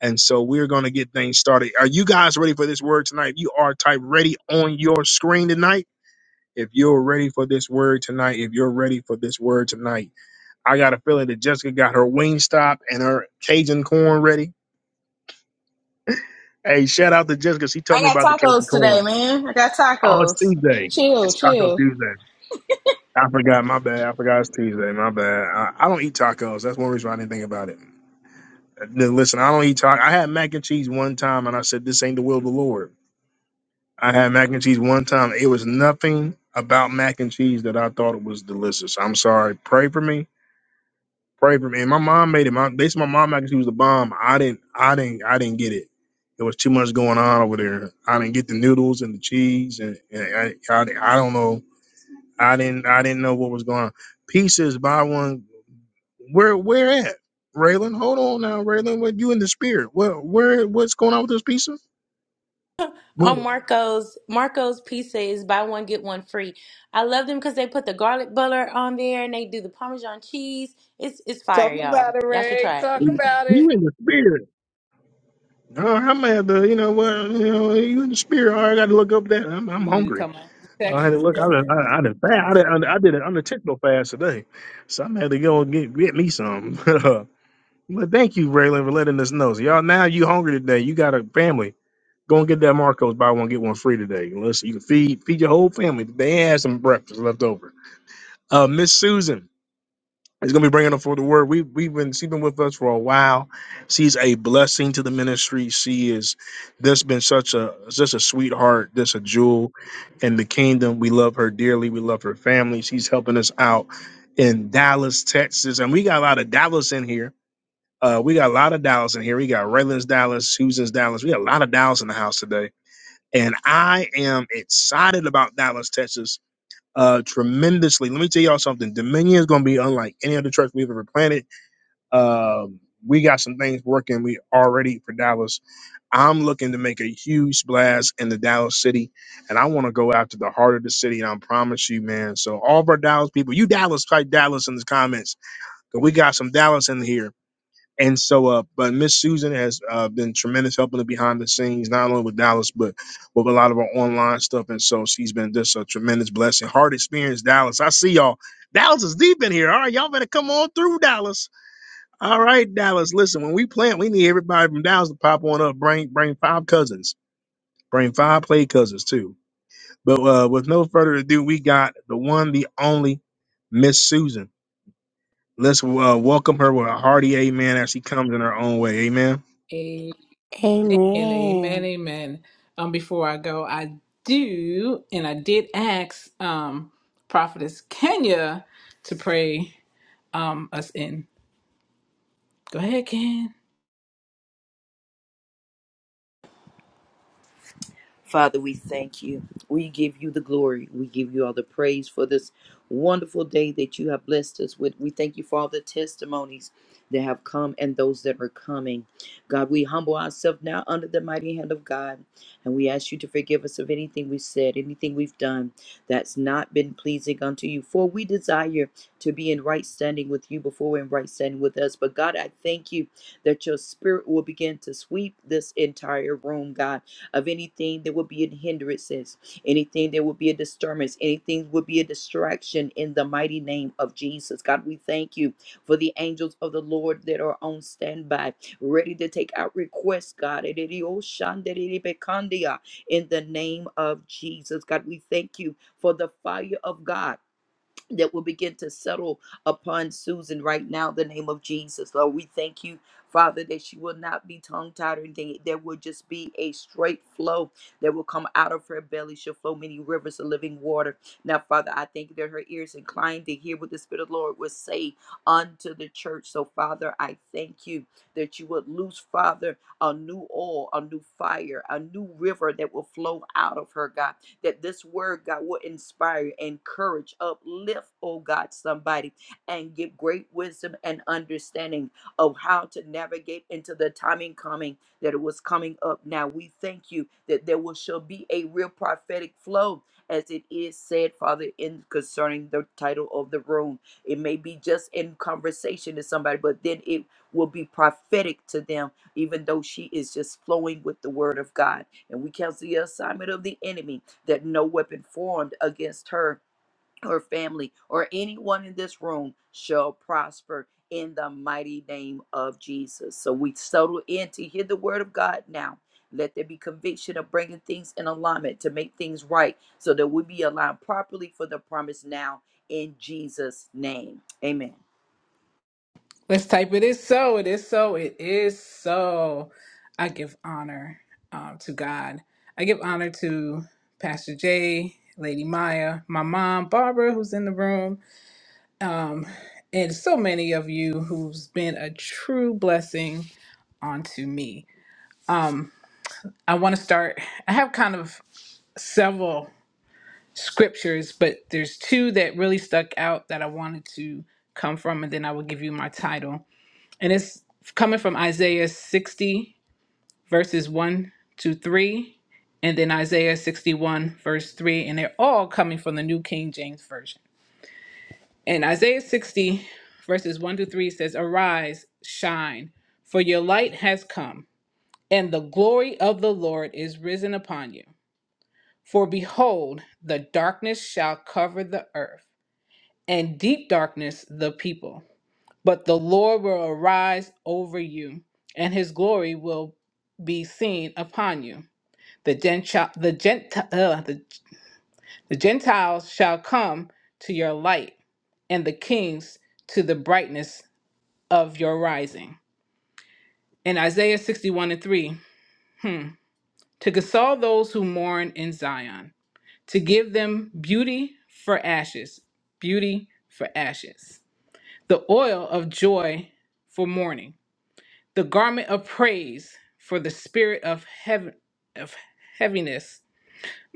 and so we're gonna get things started. Are you guys ready for this word tonight? You are type ready on your screen tonight. If you're ready for this word tonight, if you're ready for this word tonight, I got a feeling that Jessica got her wing stop and her Cajun corn ready. Hey, shout out to Jessica. She told
I
me
got
about the Cajun
tacos today,
corn.
man. I got
Oh, it's
tacos.
Tuesday.
Chill,
It's Taco
chill.
Tuesday. I forgot. My bad. I forgot it's Tuesday. My bad. I, I don't eat tacos. That's one reason why I didn't think about it. Uh, Listen, I don't eat tacos. I had mac and cheese one time, and I said, "This ain't the will of the Lord." I had mac and cheese one time. It was nothing about mac and cheese that I thought it was delicious. I'm sorry. Pray for me. Pray for me. And my mom made it. My they said my mom mac and cheese was the bomb. I didn't. I didn't. I didn't get it. There was too much going on over there. I didn't get the noodles and the cheese, and, and I, I I don't know. I didn't I didn't know what was going on. Pieces by one. Where where at? Raylan, hold on now, Raylan. What you in the spirit? Well, where what's going on with this pizza? Well,
On Marco's Marco's pizza is buy one get one free. I love them because they put the garlic butter on there and they do the parmesan cheese. It's it's fire,
talk
y'all.
about it,
Y'all should
Ray.
try it.
Talk about
you
it.
in the spirit. Oh, I'm at the you know what you know you in the spirit. All right, I got to look up that. I'm
You
I'm
need to
hungry.
come on to
I had to
Texas,
look. I did.
Darren.
I, I did fast.
On to
I
Texas.
did. I did an techno fast today, so i had to go and get get me some. But uh, but thank you, Raylan, for letting us know. So y'all now you hungry today. You got a family. Go and get that Marcos buy one get one free today. Listen, you can feed feed your whole family. They had some breakfast left over. Uh, Miss Susan is gonna be bringing up for the word. We we've been she's been with us for a while. She's a blessing to the ministry. She is just been such a just a sweetheart, just a jewel in the kingdom. We love her dearly. We love her family. She's helping us out in Dallas, Texas, and we got a lot of Dallas in here. Uh, we got a lot of Dallas in here. We got Raylan's Dallas, Susan's Dallas. We got a lot of Dallas in the house today and I am excited about Dallas, Texas, uh, tremendously. Let me tell y'all something. Dominion is going to be unlike any other church we've ever planted. Um, we got some things working. We already for Dallas. I'm looking to make a huge splash in the Dallas city, and I want to go after the heart of the city. And I promise you, man. So all of our Dallas people, you Dallas, type Dallas in the comments, 'cause we got some Dallas in here and so, uh, but Miss Susan has uh, been tremendous helping the behind the scenes, not only with Dallas, but with a lot of our online stuff. And so she's been just a tremendous blessing. Hard experience, Dallas. I see y'all. Dallas is deep in here. All right, y'all better come on through, Dallas. All right, Dallas. Listen, when we plant, we need everybody from Dallas to pop on up. Bring, bring five cousins. Bring five play cousins too. But uh, with no further ado, we got the one, the only Miss Susan. Let's uh, welcome her with a hearty amen as she comes in her own way. Amen.
And
Amen.
amen, amen. Um, before I go, I do, and I did ask um Prophetess Kenya to pray um us in. Go ahead, Ken.
Father, we thank you. We give you the glory. We give you all the praise for this wonderful day that you have blessed us with. We thank you for all the testimonies that have come and those that are coming. God, we humble ourselves now under the mighty hand of God, and we ask you to forgive us of anything we said, anything we've done that's not been pleasing unto you. For we desire to be in right standing with you before and right standing with us. But God, I thank you that your spirit will begin to sweep this entire room, God of anything that would be a hindrances, anything that would be a disturbance, anything would be a distraction in the mighty name of Jesus. God, we thank you for the angels of the Lord that are on standby, ready to take out requests, God. In the name of Jesus, God, we thank you for the fire of God that will begin to settle upon Susan right now, in the name of Jesus. Lord, we thank you, Father, that she will not be tongue tied or anything. There will just be a straight flow that will come out of her belly. She'll flow many rivers of living water. Now, Father, I thank you that her ears inclined to hear what the Spirit of the Lord would say unto the church. So, Father, I thank you that you would loose, Father, a new oil, a new fire, a new river that will flow out of her, God that this word, God, will inspire, encourage, uplift, oh God, somebody and give great wisdom and understanding of how to navigate into the timing coming that it was coming up. Now we thank you that there will shall be a real prophetic flow as it is said, Father, in concerning the title of the room. It may be just in conversation to somebody, but then it will be prophetic to them, even though she is just flowing with the word of God. And we cancel the assignment of the enemy that no weapon formed against her, her family, or anyone in this room shall prosper in the mighty name of Jesus. So we settle in to hear the word of God now. Let there be conviction of bringing things in alignment to make things right so that we be aligned properly for the promise now in Jesus' name. Amen.
Let's type it is so, it is so, it is so. I give honor um to God. I give honor to Pastor Jay, Lady Maya, my mom, Barbara, who's in the room, um, and so many of you who's been a true blessing onto me. Um I want to start. I have kind of several scriptures, but there's two that really stuck out that I wanted to come from, and then I will give you my title. And it's coming from Isaiah 60, verses 1 to 3, and then Isaiah 61, verse 3, and they're all coming from the New King James Version. And Isaiah 60, verses 1 to 3 says, Arise, shine, for your light has come, and the glory of the Lord is risen upon you. For behold, the darkness shall cover the earth, and deep darkness the people. But the Lord will arise over you, and his glory will be seen upon you. The, Gentile, the, Gentile, the, the Gentiles shall come to your light, and the kings to the brightness of your rising. In Isaiah 61 and 3, hmm, to console those who mourn in Zion to give them beauty for ashes, beauty for ashes, the oil of joy for mourning, the garment of praise for the spirit of heaven of heaviness,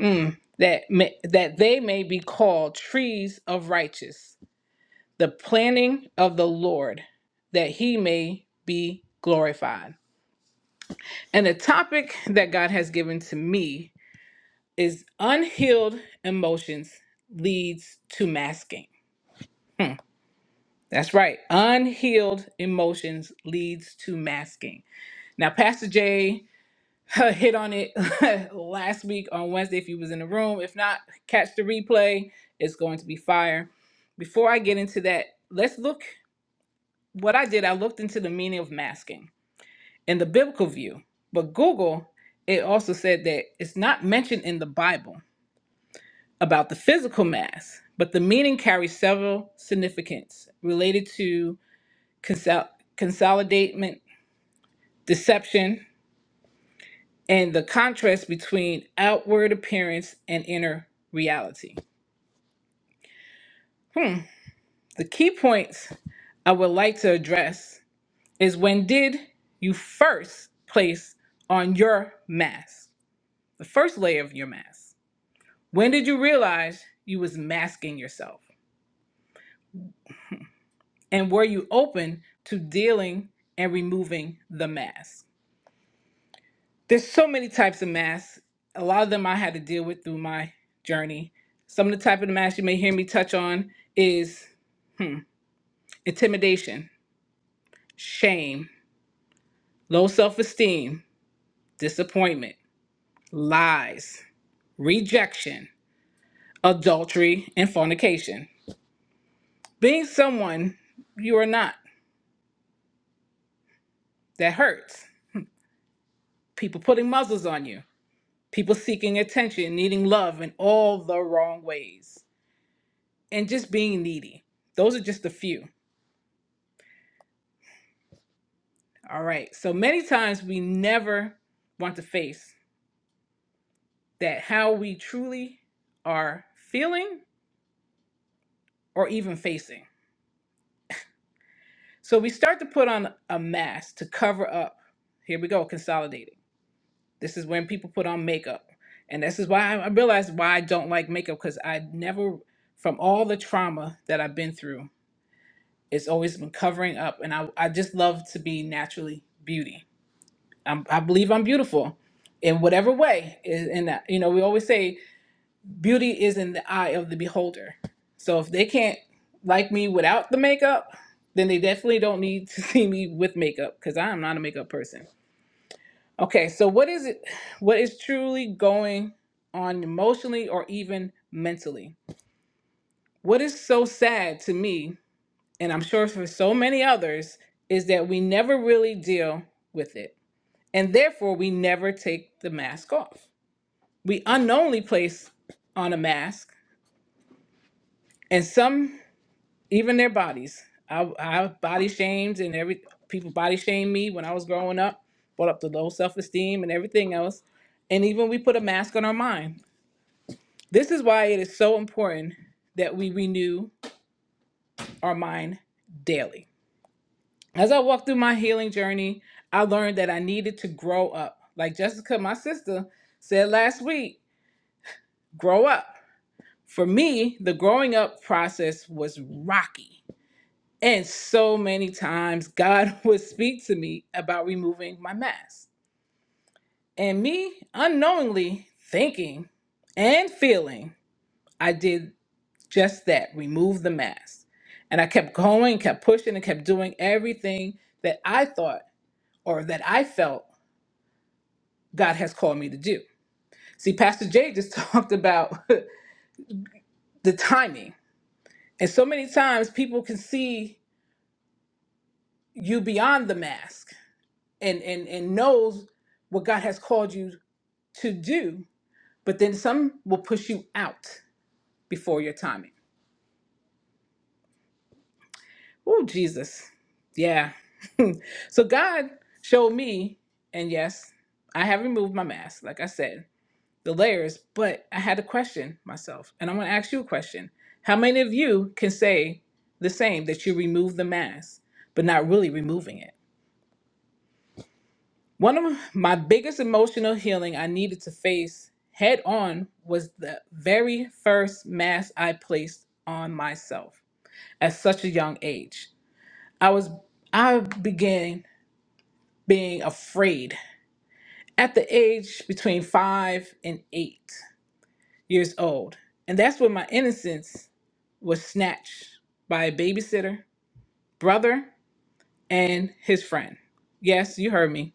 mm, that may, that they may be called trees of righteous, the planting of the Lord, that He may be glorified. And the topic that God has given to me is unhealed emotions leads to masking That's right. Unhealed emotions leads to masking. Now, Pastor Jay hit on it last week on Wednesday if you was in the room. If not, catch the replay. It's going to be fire. Before I get into that, let's look what I did. I looked into the meaning of masking in the biblical view. But Google, it also said that it's not mentioned in the Bible about the physical mask, but the meaning carries several significance related to consol- consolidation deception, and the contrast between outward appearance and inner reality. Hmm. The key points I would like to address is when did you first place on your mask, the first layer of your mask? When did you realize you was masking yourself? And were you open to dealing and removing the mask? there's so many types of masks. A lot of them I had to deal with through my journey. Some of the type of masks you may hear me touch on is intimidation, shame, low self-esteem, disappointment, lies, rejection, adultery, and fornication. Being someone you are not, that hurts. People putting muzzles on you, people seeking attention, needing love in all the wrong ways, and just being needy. Those are just a few. All right. So many times we never want to face that how we truly are feeling or even facing. So we start to put on a mask to cover up. Here we go, consolidating. This is when people put on makeup. And this is why I I realized why I don't like makeup because I never, from all the trauma that I've been through, it's always been covering up. And I, I just love to be naturally beauty. I'm, I believe I'm beautiful in whatever way. And, and, uh, you know, we always say, beauty is in the eye of the beholder. So if they can't like me without the makeup, then they definitely don't need to see me with makeup because I am not a makeup person. Okay, so what is it? What is truly going on emotionally or even mentally? What is so sad to me, and I'm sure for so many others, is that we never really deal with it. And therefore, we never take the mask off. We unknowingly place on a mask and some even their bodies. I, I body shamed and every people body shamed me when I was growing up, brought up the low self esteem and everything else. And even we put a mask on our mind. This is why it is so important that we renew our mind daily. As I walked through my healing journey, I learned that I needed to grow up. Like Jessica, my sister, said last week, grow up. For me, the growing up process was rocky And so many times God would speak to me about removing my mask. And me unknowingly thinking and feeling, I did just that remove the mask. And I kept going, kept pushing, and kept doing everything that I thought or that I felt God has called me to do. See, Pastor Jay just talked about the timing. And so many times people can see you beyond the mask and, and, and knows what God has called you to do, but then some will push you out before your timing. Oh, Jesus. Yeah. So God showed me, and yes, I have removed my mask, like I said, the layers, but I had to question myself. And I'm going to ask you a question. How many of you can say the same that you remove the mask, but not really removing it? One of my biggest emotional healing I needed to face head on was the very first mask I placed on myself. at such a young age. I was I began being afraid at the age between 5 and 8 years old. And that's when my innocence was snatched by a babysitter, brother, and his friend. Yes, you heard me.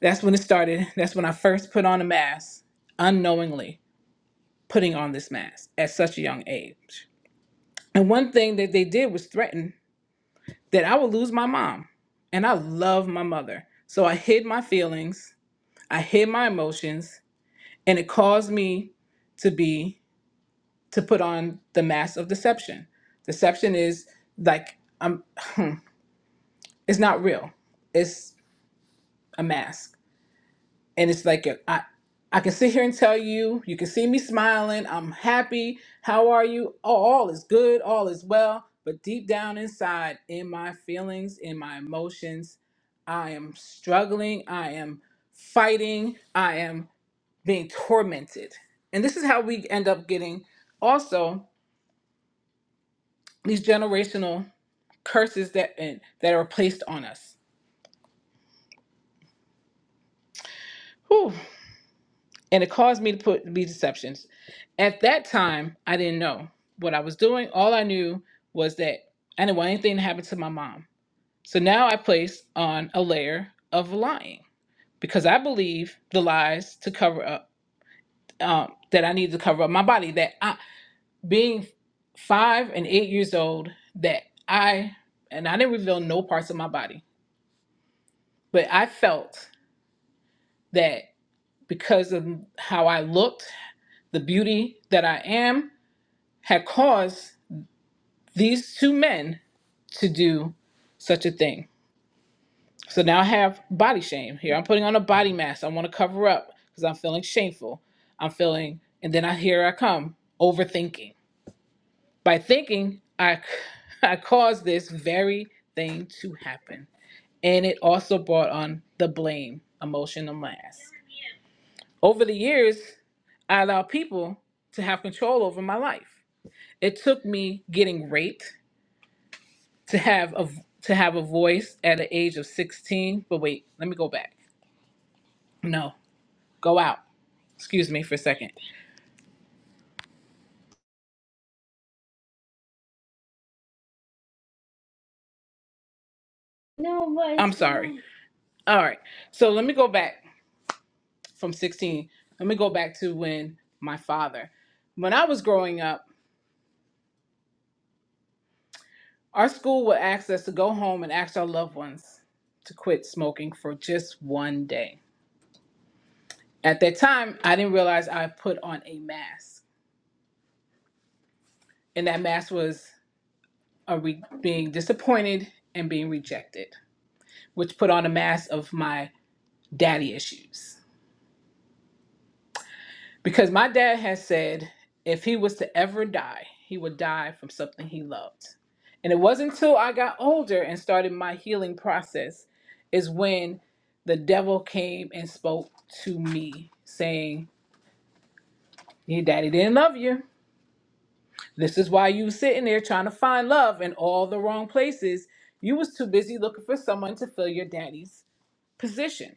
That's when it started. That's when I first put on a mask, unknowingly putting on this mask at such a young age. And one thing that they did was threaten. that I would lose my mom. And I love my mother. So I hid my feelings, I hid my emotions, and it caused me to be to put on the mask of deception. Deception is like I'm it's not real. It's a mask. and it's like if I I can sit here and tell you, you can see me smiling, I'm happy. How are you? Oh, all is good, all is well. But deep down inside, in my feelings, in my emotions, I am struggling, I am fighting, I am being tormented. And this is how we end up getting also these generational curses that and, that are placed on us. and it caused me to put be deceptions. At that time, I didn't know what I was doing. All I knew was that I didn't want anything to happen to my mom. So now I place on a layer of lying because I believe the lies to cover up um, that I need to cover up my body. That I, being five and eight years old, that I and I didn't reveal no parts of my body, but I felt that because of how I looked, the beauty that I am, had caused these two men to do such a thing. So now I have body shame. Here I'm putting on a body mask. I want to cover up because I'm feeling shameful. I'm feeling, and then I here I come overthinking. By thinking, I I caused this very thing to happen, and it also brought on the blame emotional mask. Over the years, I allowed people to have control over my life. It took me getting raped to have a to have a voice at the age of 16 but wait let me go back no go out excuse me for a second No, but i'm it's sorry fine. all right so let me go back from 16 let me go back to when my father when i was growing up our school would ask us to go home and ask our loved ones to quit smoking for just one day at that time i didn't realize i put on a mask and that mask was a re- being disappointed and being rejected which put on a mask of my daddy issues. Because my dad has said if he was to ever die, he would die from something he loved. And it wasn't until I got older and started my healing process is when the devil came and spoke to me saying, Your daddy didn't love you. This is why you sitting there trying to find love in all the wrong places. You was too busy looking for someone to fill your daddy's position.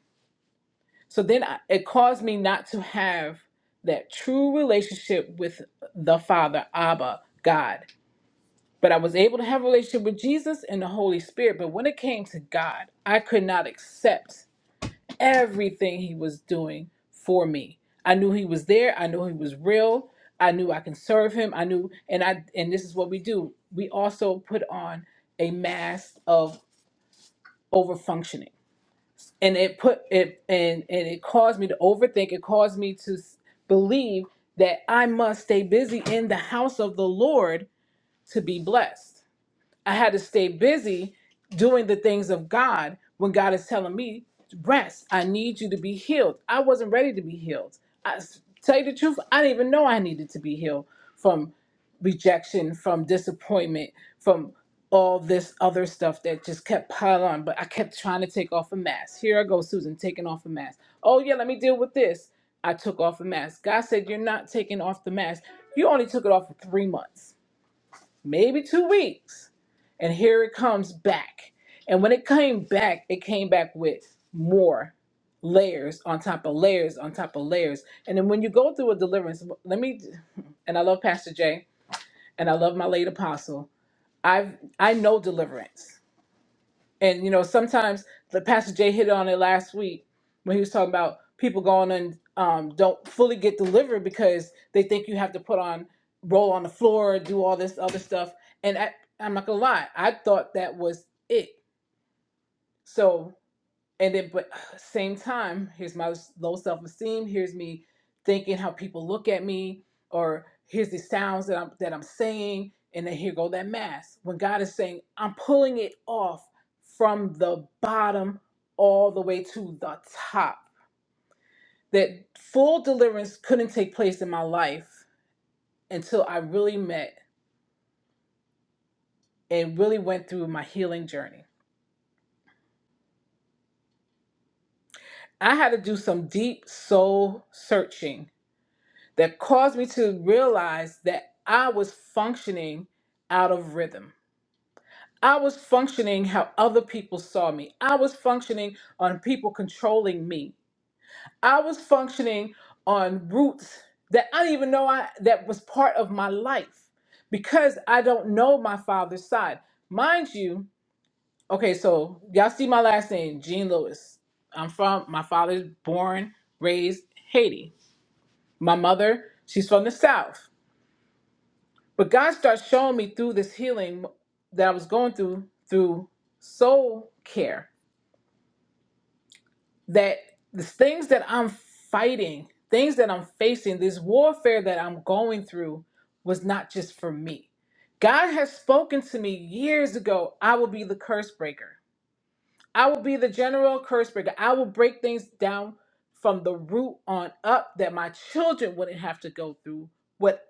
So then I, it caused me not to have that true relationship with the Father, Abba, God. But I was able to have a relationship with Jesus and the Holy Spirit. But when it came to God, I could not accept everything He was doing for me. I knew He was there. I knew He was real. I knew I can serve Him. I knew, and I, and this is what we do. We also put on a mask of overfunctioning and it put it and and it caused me to overthink it caused me to s- believe that i must stay busy in the house of the lord to be blessed I had to stay busy doing the things of God when God is telling me, rest. I need you to be healed. I wasn't ready to be healed. I tell you the truth, I didn't even know I needed to be healed from rejection, from disappointment, from all this other stuff that just kept piling on. But I kept trying to take off a mask. Here I go, Susan, taking off a mask. Oh yeah, let me deal with this. I took off a mask. God said, You're not taking off the mask. You only took it off for three months, maybe two weeks and here it comes back. And when it came back, it came back with more layers on top of layers on top of layers. And then when you go through a deliverance, let me and I love Pastor Jay and I love my late apostle. I've I know deliverance. And you know, sometimes the Pastor Jay hit on it last week when he was talking about people going and um, don't fully get delivered because they think you have to put on roll on the floor, do all this other stuff. And I, I'm not gonna lie, I thought that was it. So and then but uh, same time here's my low self-esteem here's me thinking how people look at me or here's the sounds that i'm that i'm saying and then here go that mask. when god is saying i'm pulling it off from the bottom all the way to the top that full deliverance couldn't take place in my life until i really met and really went through my healing journey i had to do some deep soul searching that caused me to realize that I was functioning out of rhythm. I was functioning how other people saw me. I was functioning on people controlling me. I was functioning on roots that I didn't even know I that was part of my life because I don't know my father's side. Mind you, okay, so y'all see my last name, Jean Lewis. I'm from my father's born, raised Haiti. My mother, she's from the South. But God starts showing me through this healing that I was going through through soul care that the things that I'm fighting, things that I'm facing, this warfare that I'm going through was not just for me. God has spoken to me years ago, I will be the curse breaker. I will be the general curse breaker. I will break things down from the root on up that my children wouldn't have to go through what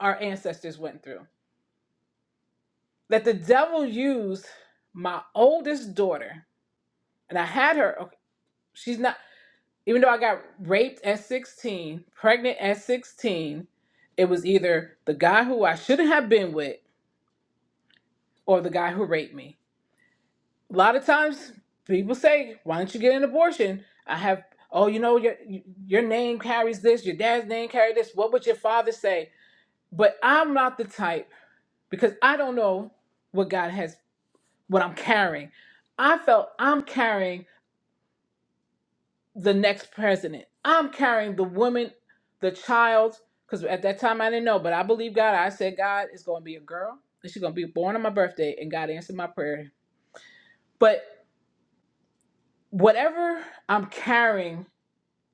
our ancestors went through. that the devil used my oldest daughter, and I had her. okay, She's not, even though I got raped at 16, pregnant at 16, it was either the guy who I shouldn't have been with or the guy who raped me. A lot of times people say, Why don't you get an abortion? I have, oh, you know, your, your name carries this, your dad's name carries this. What would your father say? But I'm not the type because I don't know what God has, what I'm carrying. I felt I'm carrying the next president. I'm carrying the woman, the child, because at that time I didn't know, but I believe God. I said, God, it's going to be a girl, and she's going to be born on my birthday, and God answered my prayer. But whatever I'm carrying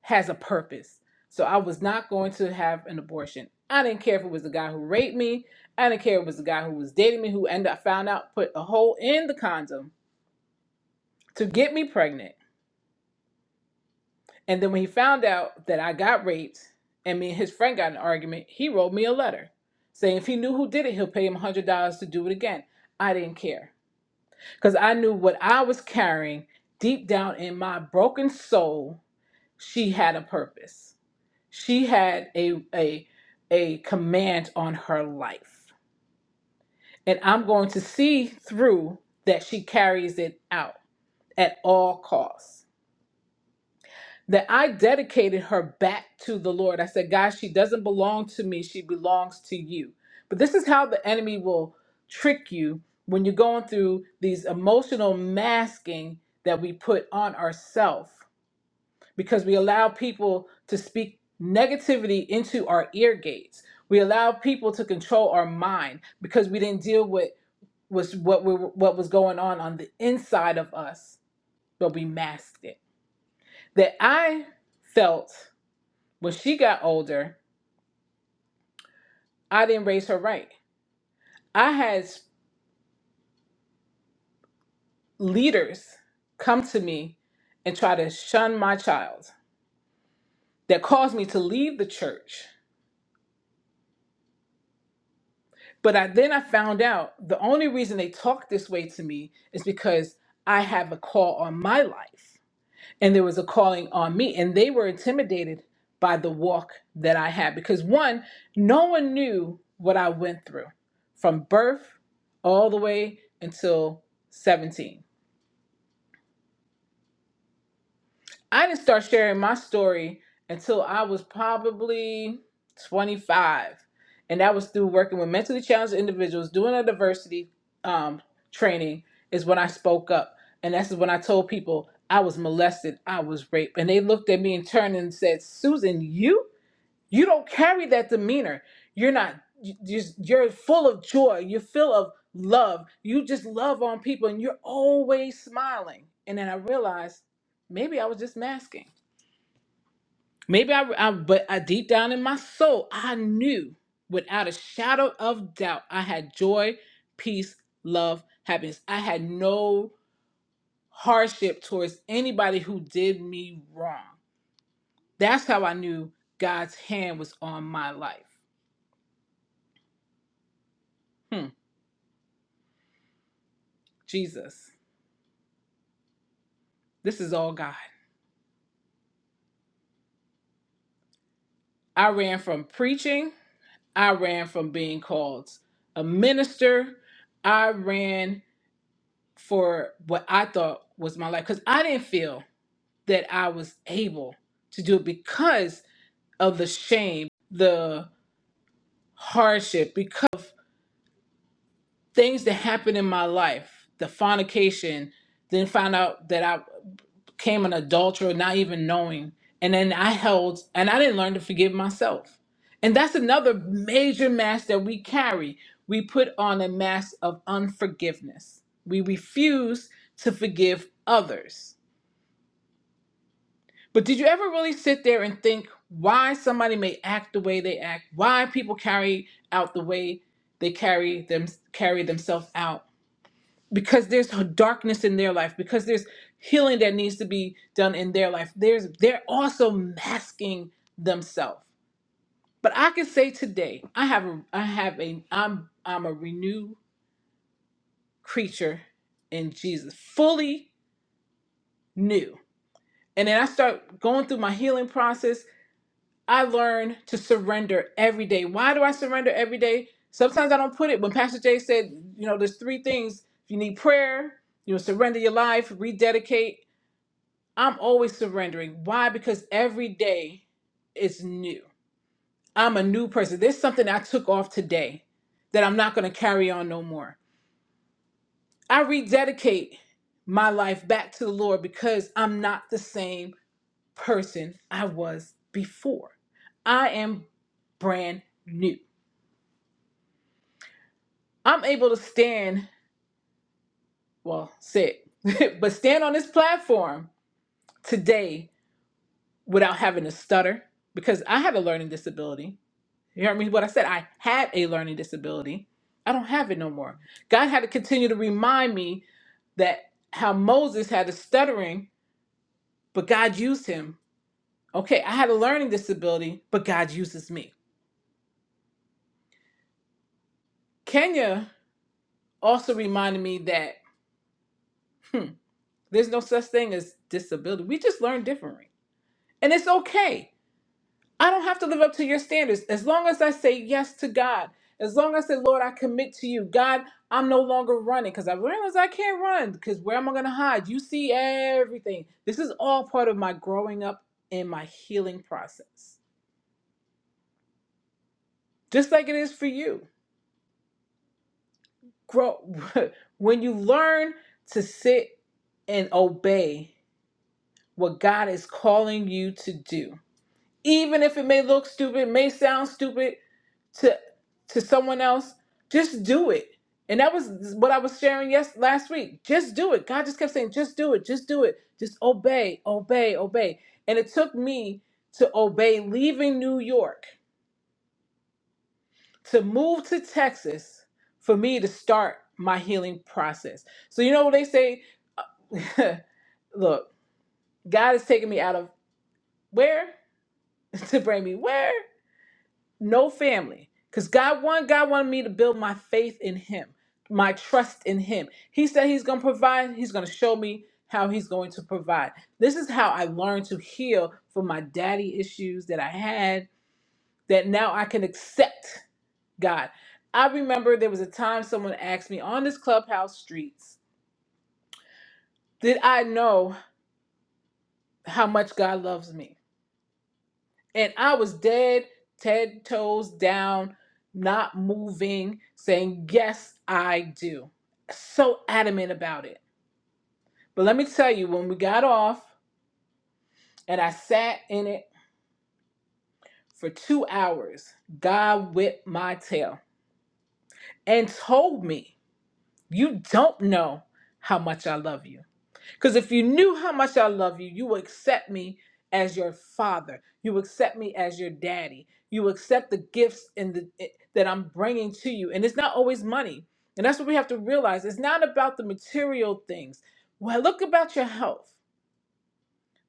has a purpose. So I was not going to have an abortion. I didn't care if it was the guy who raped me. I didn't care if it was the guy who was dating me, who ended up found out put a hole in the condom to get me pregnant. And then when he found out that I got raped and me and his friend got in an argument, he wrote me a letter saying if he knew who did it, he'll pay him $100 to do it again. I didn't care because I knew what I was carrying deep down in my broken soul. She had a purpose, she had a, a, a command on her life. And I'm going to see through that she carries it out at all costs. that I dedicated her back to the Lord. I said, God, she doesn't belong to me. She belongs to you. But this is how the enemy will trick you when you're going through these emotional masking that we put on ourselves because we allow people to speak negativity into our ear gates. We allow people to control our mind because we didn't deal with was what we were- what was going on on the inside of us, but we masked it. That I felt when she got older, I didn't raise her right. I had leaders come to me and try to shun my child that caused me to leave the church. But I, then I found out the only reason they talked this way to me is because I have a call on my life and there was a calling on me. And they were intimidated by the walk that I had because one, no one knew what I went through from birth all the way until 17 I didn't start sharing my story until I was probably 25. And that was through working with mentally challenged individuals, doing a diversity um, training, is when I spoke up. And that's when I told people I was molested, I was raped. And they looked at me and turned and said, Susan, you? You don't carry that demeanor. You're not you just you're full of joy. You're full of love. You just love on people and you're always smiling. And then I realized maybe I was just masking. Maybe I, I but I deep down in my soul, I knew without a shadow of doubt I had joy, peace, love, happiness. I had no hardship towards anybody who did me wrong. That's how I knew God's hand was on my life. Hmm. Jesus, this is all God. I ran from preaching, I ran from being called a minister, I ran for what I thought was my life because I didn't feel that I was able to do it because of the shame, the hardship, because of things that happened in my life, the fornication, then found out that I became an adulterer, not even knowing. And then I held, and I didn't learn to forgive myself. And that's another major mask that we carry. We put on a mask of unforgiveness. We refuse to forgive others. But did you ever really sit there and think why somebody may act the way they act, why people carry out the way they carry them carry themselves out? because there's darkness in their life because there's healing that needs to be done in their life there's they're also masking themselves but i can say today i have a i have a i'm i'm a renewed creature in jesus fully new and then i start going through my healing process i learn to surrender every day why do i surrender every day sometimes i don't put it when pastor jay said you know there's three things if you need prayer you know surrender your life rededicate I'm always surrendering. Why? Because every day is new. I'm a new person. There's something I took off today that I'm not going to carry on no more. I rededicate my life back to the Lord because I'm not the same person I was before. I am brand new. I'm able to stand, well, sit, but stand on this platform today without having to stutter because I had a learning disability. You heard me? What I said, I had a learning disability. I don't have it no more. God had to continue to remind me that how Moses had a stuttering, but God used him. Okay, I had a learning disability, but God uses me. Kenya also reminded me that hmm, there's no such thing as disability. We just learn differently. And it's okay. I don't have to live up to your standards. As long as I say yes to God, as long as I say, Lord, I commit to you, God, I'm no longer running because I realize I can't run because where am I going to hide? You see everything. This is all part of my growing up and my healing process, just like it is for you. Grow when you learn to sit and obey what God is calling you to do, even if it may look stupid, may sound stupid. to to someone else just do it and that was what i was sharing yes last week just do it god just kept saying just do it just do it just obey obey obey and it took me to obey leaving new york to move to texas for me to start my healing process so you know what they say look god has taken me out of where to bring me where no family because god one god wanted me to build my faith in him my trust in him he said he's going to provide he's going to show me how he's going to provide this is how i learned to heal from my daddy issues that i had that now i can accept god i remember there was a time someone asked me on this clubhouse streets did i know how much god loves me And I was dead, ten toes down, not moving, saying, Yes, I do. So adamant about it. But let me tell you, when we got off and I sat in it for two hours, God whipped my tail and told me, You don't know how much I love you. Because if you knew how much I love you, you would accept me as your father. You would accept me as your daddy. You would accept the gifts and the eh, that I'm bringing to you. And it's not always money. And that's what we have to realize. It's not about the material things. Well, look about your health.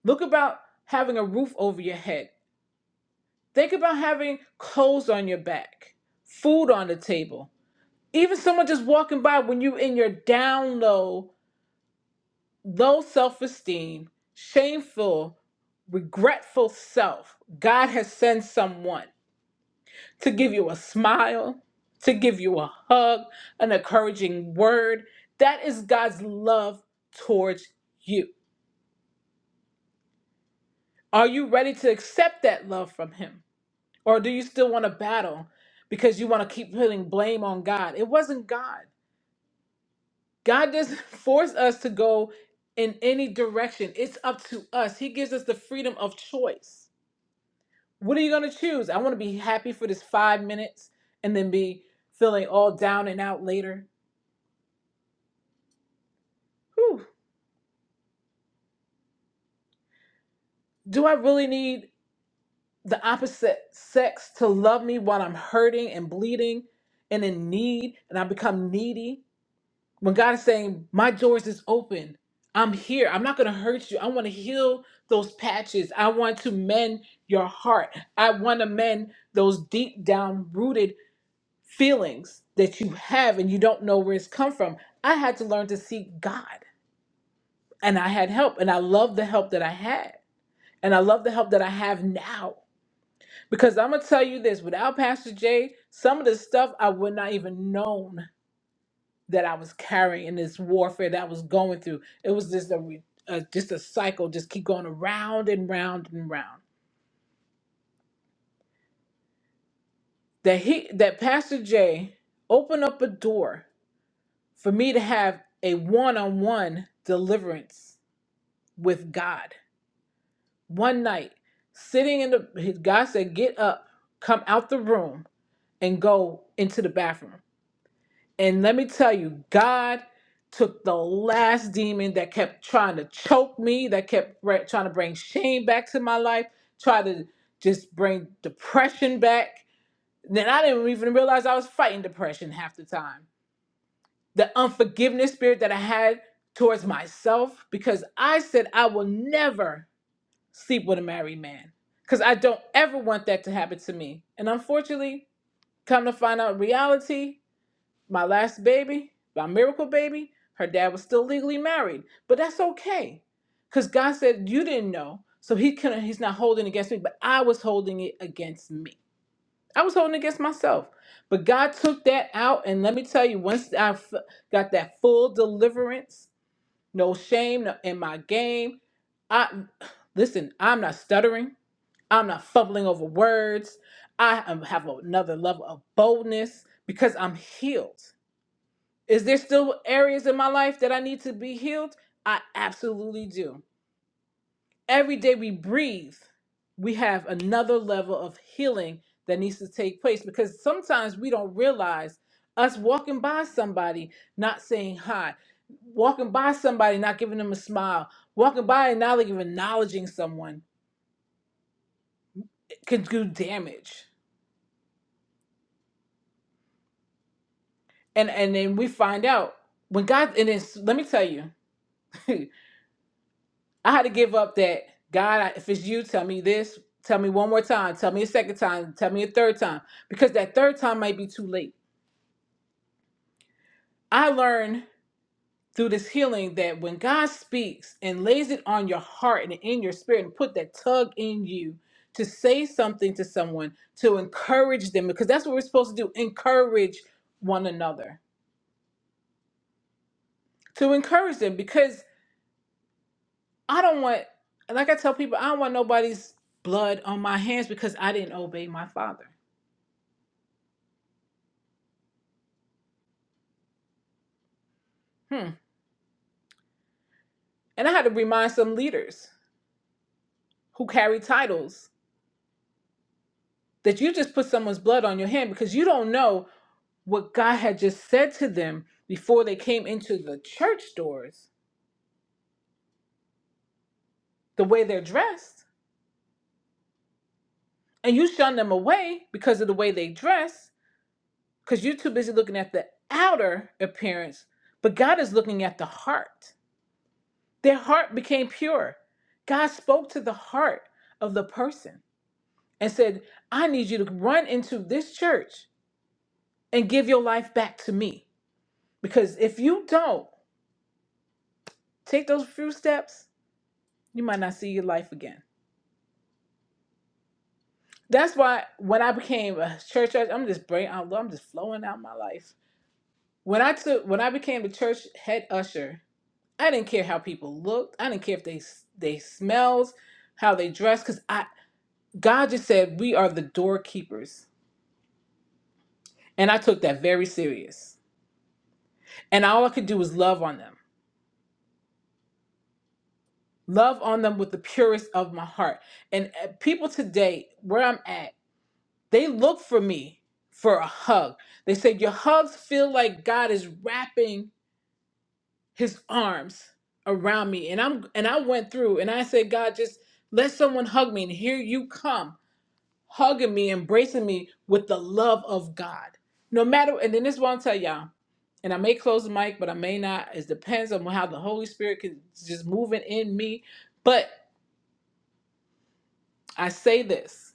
Look about having a roof over your head. Think about having clothes on your back, food on the table. Even someone just walking by when you're in your down low low self esteem, shameful, regretful self, God has sent someone to give you a smile, to give you a hug, an encouraging word. That is God's love towards you. Are you ready to accept that love from Him? Or do you still want to battle because you want to keep putting blame on God? It wasn't God. God doesn't force us to go in any direction, it's up to us. He gives us the freedom of choice. What are you gonna choose? I want to be happy for this five minutes and then be feeling all down and out later. Whew. Do I really need the opposite sex to love me while I'm hurting and bleeding and in need and I become needy? When God is saying, My doors is open. I'm here. I'm not gonna hurt you. I want to heal those patches. I want to mend your heart. I want to mend those deep down rooted feelings that you have and you don't know where it's come from. I had to learn to seek God and I had help and I love the help that I had. And I love the help that I have now. Because I'm gonna tell you this, without Pastor Jay, some of the stuff I would not even known that I was carrying in this warfare that I was going through. It was just a, re- a just a cycle, just keep going around and round and round. That he that Pastor Jay opened up a door for me to have a one-on-one deliverance with God one night, sitting in the his God said, Get up, come out the room, and go into the bathroom. And let me tell you, God took the last demon that kept trying to choke me, that kept br- trying to bring shame back to my life, try to just bring depression back. Then I didn't even realize I was fighting depression half the time. The unforgiveness spirit that I had towards myself because I said I will never sleep with a married man because I don't ever want that to happen to me. And unfortunately, come to find out reality, my last baby, my miracle baby, her dad was still legally married, but that's okay because God said you didn't know, so he couldn't. He's not holding it against me, but I was holding it against me. I was holding it against myself, but God took that out, and let me tell you, once I f- got that full deliverance, no shame no, in my game. I listen. I'm not stuttering. I'm not fumbling over words. I am, have another level of boldness because I'm healed. Is there still areas in my life that I need to be healed? I absolutely do. Every day we breathe, we have another level of healing that needs to take place because sometimes we don't realize us walking by somebody not saying hi, walking by somebody not giving them a smile, walking by and not even acknowledging someone can do damage and and then we find out when God and then let me tell you, I had to give up that God. I- If it's you, tell me this. Tell me one more time. Tell me a second time. Tell me a third time because that third time might be too late. I learned through this healing that when God speaks and lays it on your heart and in your spirit and put that tug in you to say something to someone to encourage them because that's what we're supposed to do encourage one another to encourage them because I don't want, like I tell people, I don't want nobody's blood on my hands because I didn't obey my father. Hmm. And I had to remind some leaders who carry titles that you just put someone's blood on your hand because you don't know what God had just said to them before they came into the church doors, the way they're dressed. And you shun them away because of the way they dress because you're too busy looking at the outer appearance, but God is looking at the heart. Their heart became pure. God spoke to the heart of the person and said, I need you to run into this church and give your life back to me. Because if you don't take those few steps, you might not see your life again. That's why when I became a church, usher- I'm just brain I'm just flowing out my life. When I took when I became the church head usher, I didn't care how people looked. I didn't care if they they smells, how they dressed, because I God just said we are the doorkeepers And I took that very serious. And all I could do was love on them. Love on them with the purest of my heart. And uh, people today, where I'm at, they look for me for a hug. They said, Your hugs feel like God is wrapping his arms around me. And I'm and I went through and I said, God, just let someone hug me. And here you come. hugging me, embracing me with the love of God. No matter, and then this one tell y'all, and I may close the mic, but I may not. It depends on how the Holy Spirit can just moving in me. But I say this: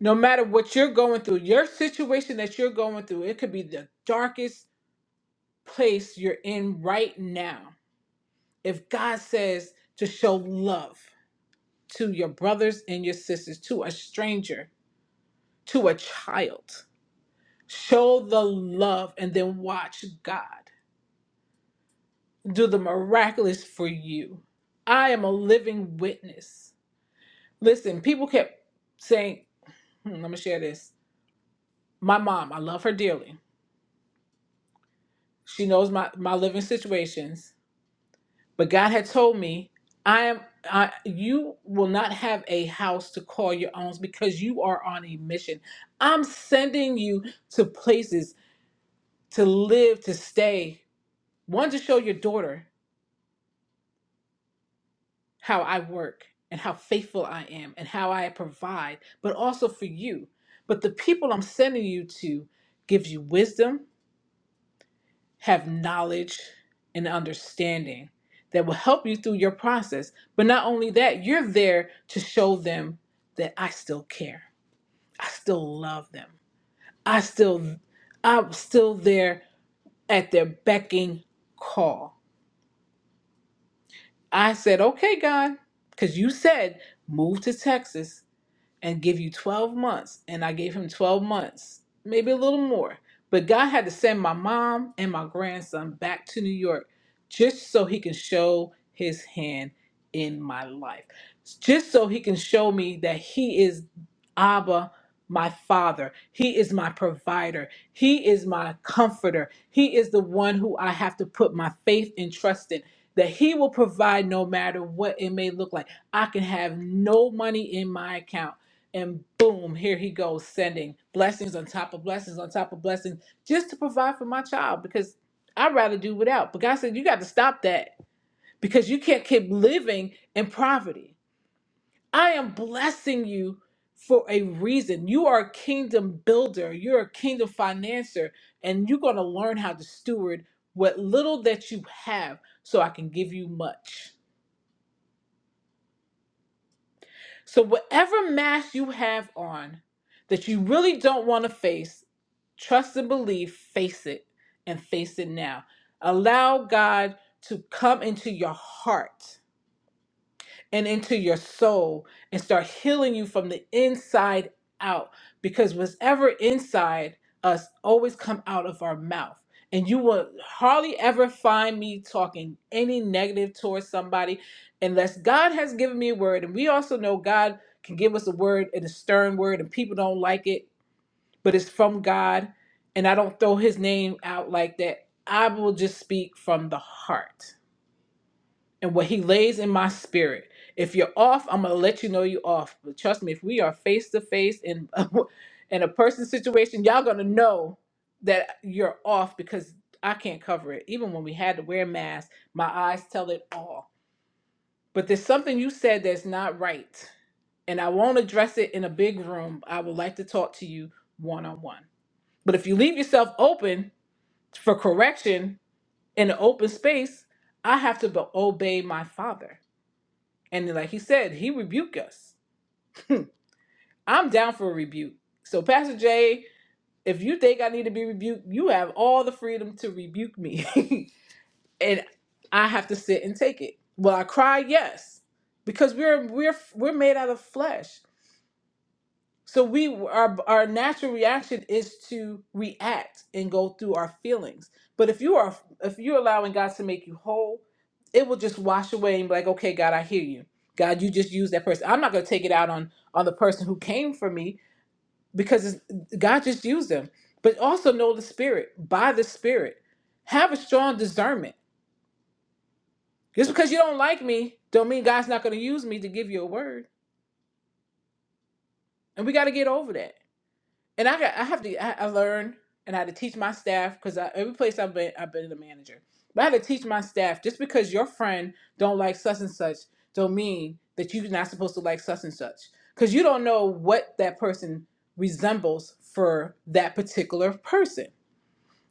no matter what you're going through, your situation that you're going through, it could be the darkest place you're in right now. If God says to show love to your brothers and your sisters, to a stranger, to a child, Show the love and then watch God do the miraculous for you. I am a living witness. Listen, people kept saying, hmm, I'm gonna share this. My mom, I love her dearly. She knows my, my living situations, but God had told me, I am I, you will not have a house to call your own because you are on a mission. I'm sending you to places to live, to stay. One to show your daughter how I work and how faithful I am and how I provide, but also for you. But the people I'm sending you to gives you wisdom, have knowledge and understanding that will help you through your process. But not only that, you're there to show them that I still care. I still love them. I still I'm still there at their becking call. I said, "Okay, God, cuz you said move to Texas and give you 12 months. And I gave him 12 months, maybe a little more. But God had to send my mom and my grandson back to New York just so he can show his hand in my life, just so he can show me that he is Abba. My father, he is my provider, he is my comforter, he is the one who I have to put my faith and trust in. That he will provide no matter what it may look like. I can have no money in my account and boom, here he goes sending blessings on top of blessings on top of blessings just to provide for my child because I'd rather do without. But God said, You got to stop that because you can't keep living in poverty. I am blessing you for a reason. You are a kingdom builder, you're a kingdom financier, and you're going to learn how to steward what little that you have so I can give you much. So, whatever mask you have on that you really don't want to face, trust and believe, face it and face it now. Allow God to come into your heart and into your soul and start healing you from the inside out because whatever inside us always come out of our mouth and you will hardly ever find me talking any negative towards somebody unless god has given me a word and we also know god can give us a word and a stern word and people don't like it but it's from god and i don't throw his name out like that i will just speak from the heart and what he lays in my spirit. If you're off, I'm gonna let you know you off. But trust me, if we are face to face in in a person situation, y'all gonna know that you're off because I can't cover it. Even when we had to wear masks, my eyes tell it all. But there's something you said that's not right, and I won't address it in a big room. I would like to talk to you one on one. But if you leave yourself open for correction in an open space, I have to be- obey my father and like he said, he rebuked us. I'm down for a rebuke. So, Pastor Jay, if you think I need to be rebuked, you have all the freedom to rebuke me. and I have to sit and take it. Will I cry? Yes. Because we're we're we're made out of flesh. So we our our natural reaction is to react and go through our feelings. But if you are if you're allowing God to make you whole, it will just wash away and be like, okay, God, I hear you. God, you just used that person. I'm not going to take it out on on the person who came for me because it's, God just used them. But also know the Spirit by the Spirit. Have a strong discernment. Just because you don't like me, don't mean God's not going to use me to give you a word. And we got to get over that. and I got I have to I, I learn and I had to teach my staff because every place I've been I've been the manager, but I had to teach my staff just because your friend don't like such and such don't mean that you're not supposed to like such and such because you don't know what that person resembles for that particular person.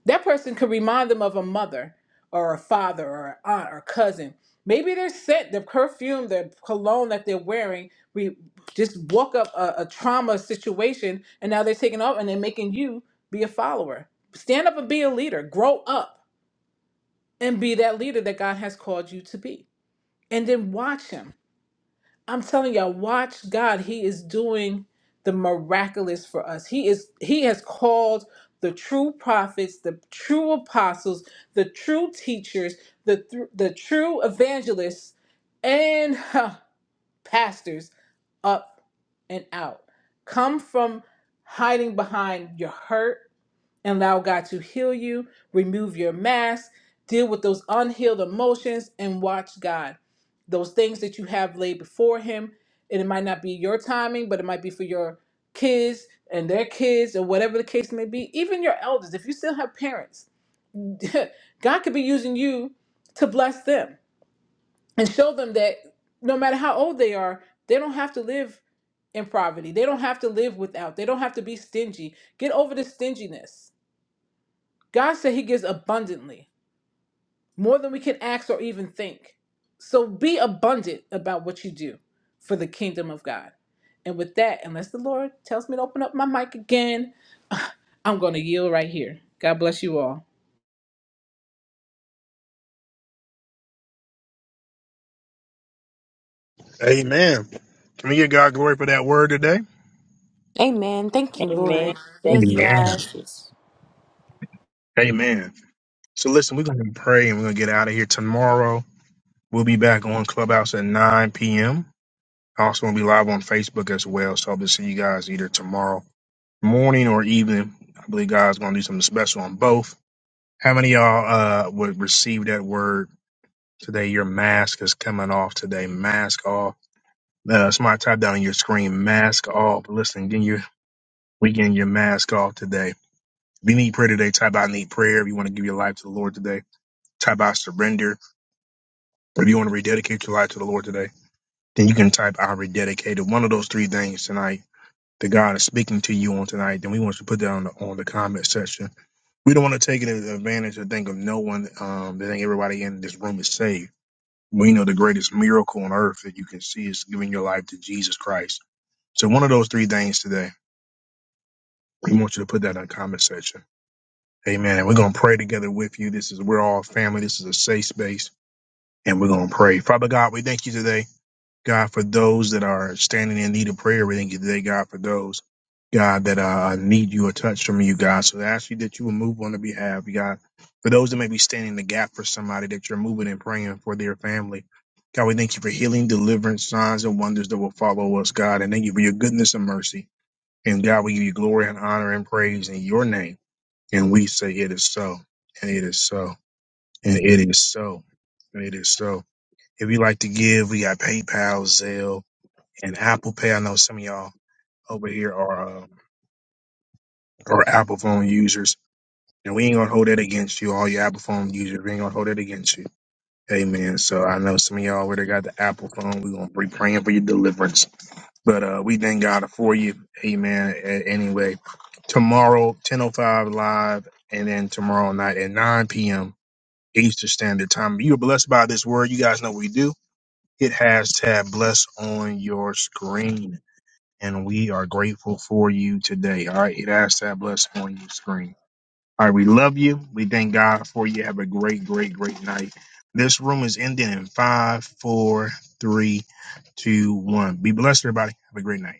That person could remind them of a mother or a father or an aunt or cousin. Maybe their scent, their perfume, their cologne that they're wearing, we just woke up a, a trauma situation and now they're taking off and they're making you be a follower. Stand up and be a leader. Grow up and be that leader that God has called you to be. And then watch him I'm telling y'all, watch God. He is doing the miraculous for us. He is He has called the true prophets, the true apostles, the true teachers, the thr- the true evangelists, and huh, pastors up and out. Come from hiding behind your hurt and allow God to heal you, remove your mask, deal with those unhealed emotions, and watch God. Those things that you have laid before Him, and it might not be your timing, but it might be for your kids and their kids, or whatever the case may be, even your elders, if you still have parents, God could be using you to bless them and show them that no matter how old they are, they don't have to live in poverty. They don't have to live without. They don't have to be stingy. Get over the stinginess God said he gives abundantly, more than we can ask or even think. So be abundant about what you do for the kingdom of God. And with that, unless the Lord tells me to open up my mic again, I'm going to yield right here. God bless you all.
Amen. Can we give God glory for that word today?
Amen. Thank you,
Amen.
Lord. Yes,
Thank you,
Amen.
God.
Jesus.
Amen. So listen, we're going to pray and we're going to get out of here tomorrow. We'll be back on Clubhouse at 9 p.m. Also, we'll be live on Facebook as well. So I'll see you guys either tomorrow morning or evening. I believe God's going to do something special on both. How many of y'all uh, would receive that word today? Your mask is coming off today. Mask off. Uh, somebody type down on your screen, mask off. Listen, getting your, we getting your mask off today If you need prayer today, type out need prayer. If you want to give your life to the Lord today, type out surrender. If you want to rededicate your life to the Lord today, then you can type out rededicated. One of those three things tonight that God is speaking to you on tonight, then we want you to put that on the, on the comment section. We don't want to take advantage and think of no one, um, that think everybody in this room is saved. We know the greatest miracle on earth that you can see is giving your life to Jesus Christ. So one of those three things today, we want you to put that in the comment section. Amen. And we're going to pray together with you. This is, we're all family. This is a safe space and we're going to pray. Father God, we thank you today, God, for those that are standing in need of prayer. We thank you today, God, for those, God, that uh, need you a touch from you, God. So I ask you that you will move on their behalf, God. For those that may be standing in the gap for somebody that you're moving and praying for their family. God, we thank you for healing, deliverance, signs, and wonders that will follow us, God. And thank you for your goodness and mercy. And God, we give you glory and honor and praise in your name. And we say, It is so, and it is so, and it is so, and it is so. If you like to give, we got PayPal, Zelle, and Apple Pay. I know some of y'all over here are uh, are Apple phone users, and we ain't gonna hold that against you. All your Apple phone users, we ain't gonna hold that against you. Amen. So I know some of y'all already got the Apple phone. We're gonna be praying for your deliverance. But uh we thank God for you. Amen. A- Anyway, tomorrow, 10.05 live, and then tomorrow night at 9 p.m. Eastern Standard Time. You are blessed by this word. You guys know what we do. Hit hashtag bless on your screen. And we are grateful for you today. All right. Hit hashtag bless on your screen. All right. We love you. We thank God for you. Have a great, great, great night. This room is ending in five, four, three, two, one. Be blessed, everybody. Have a great night.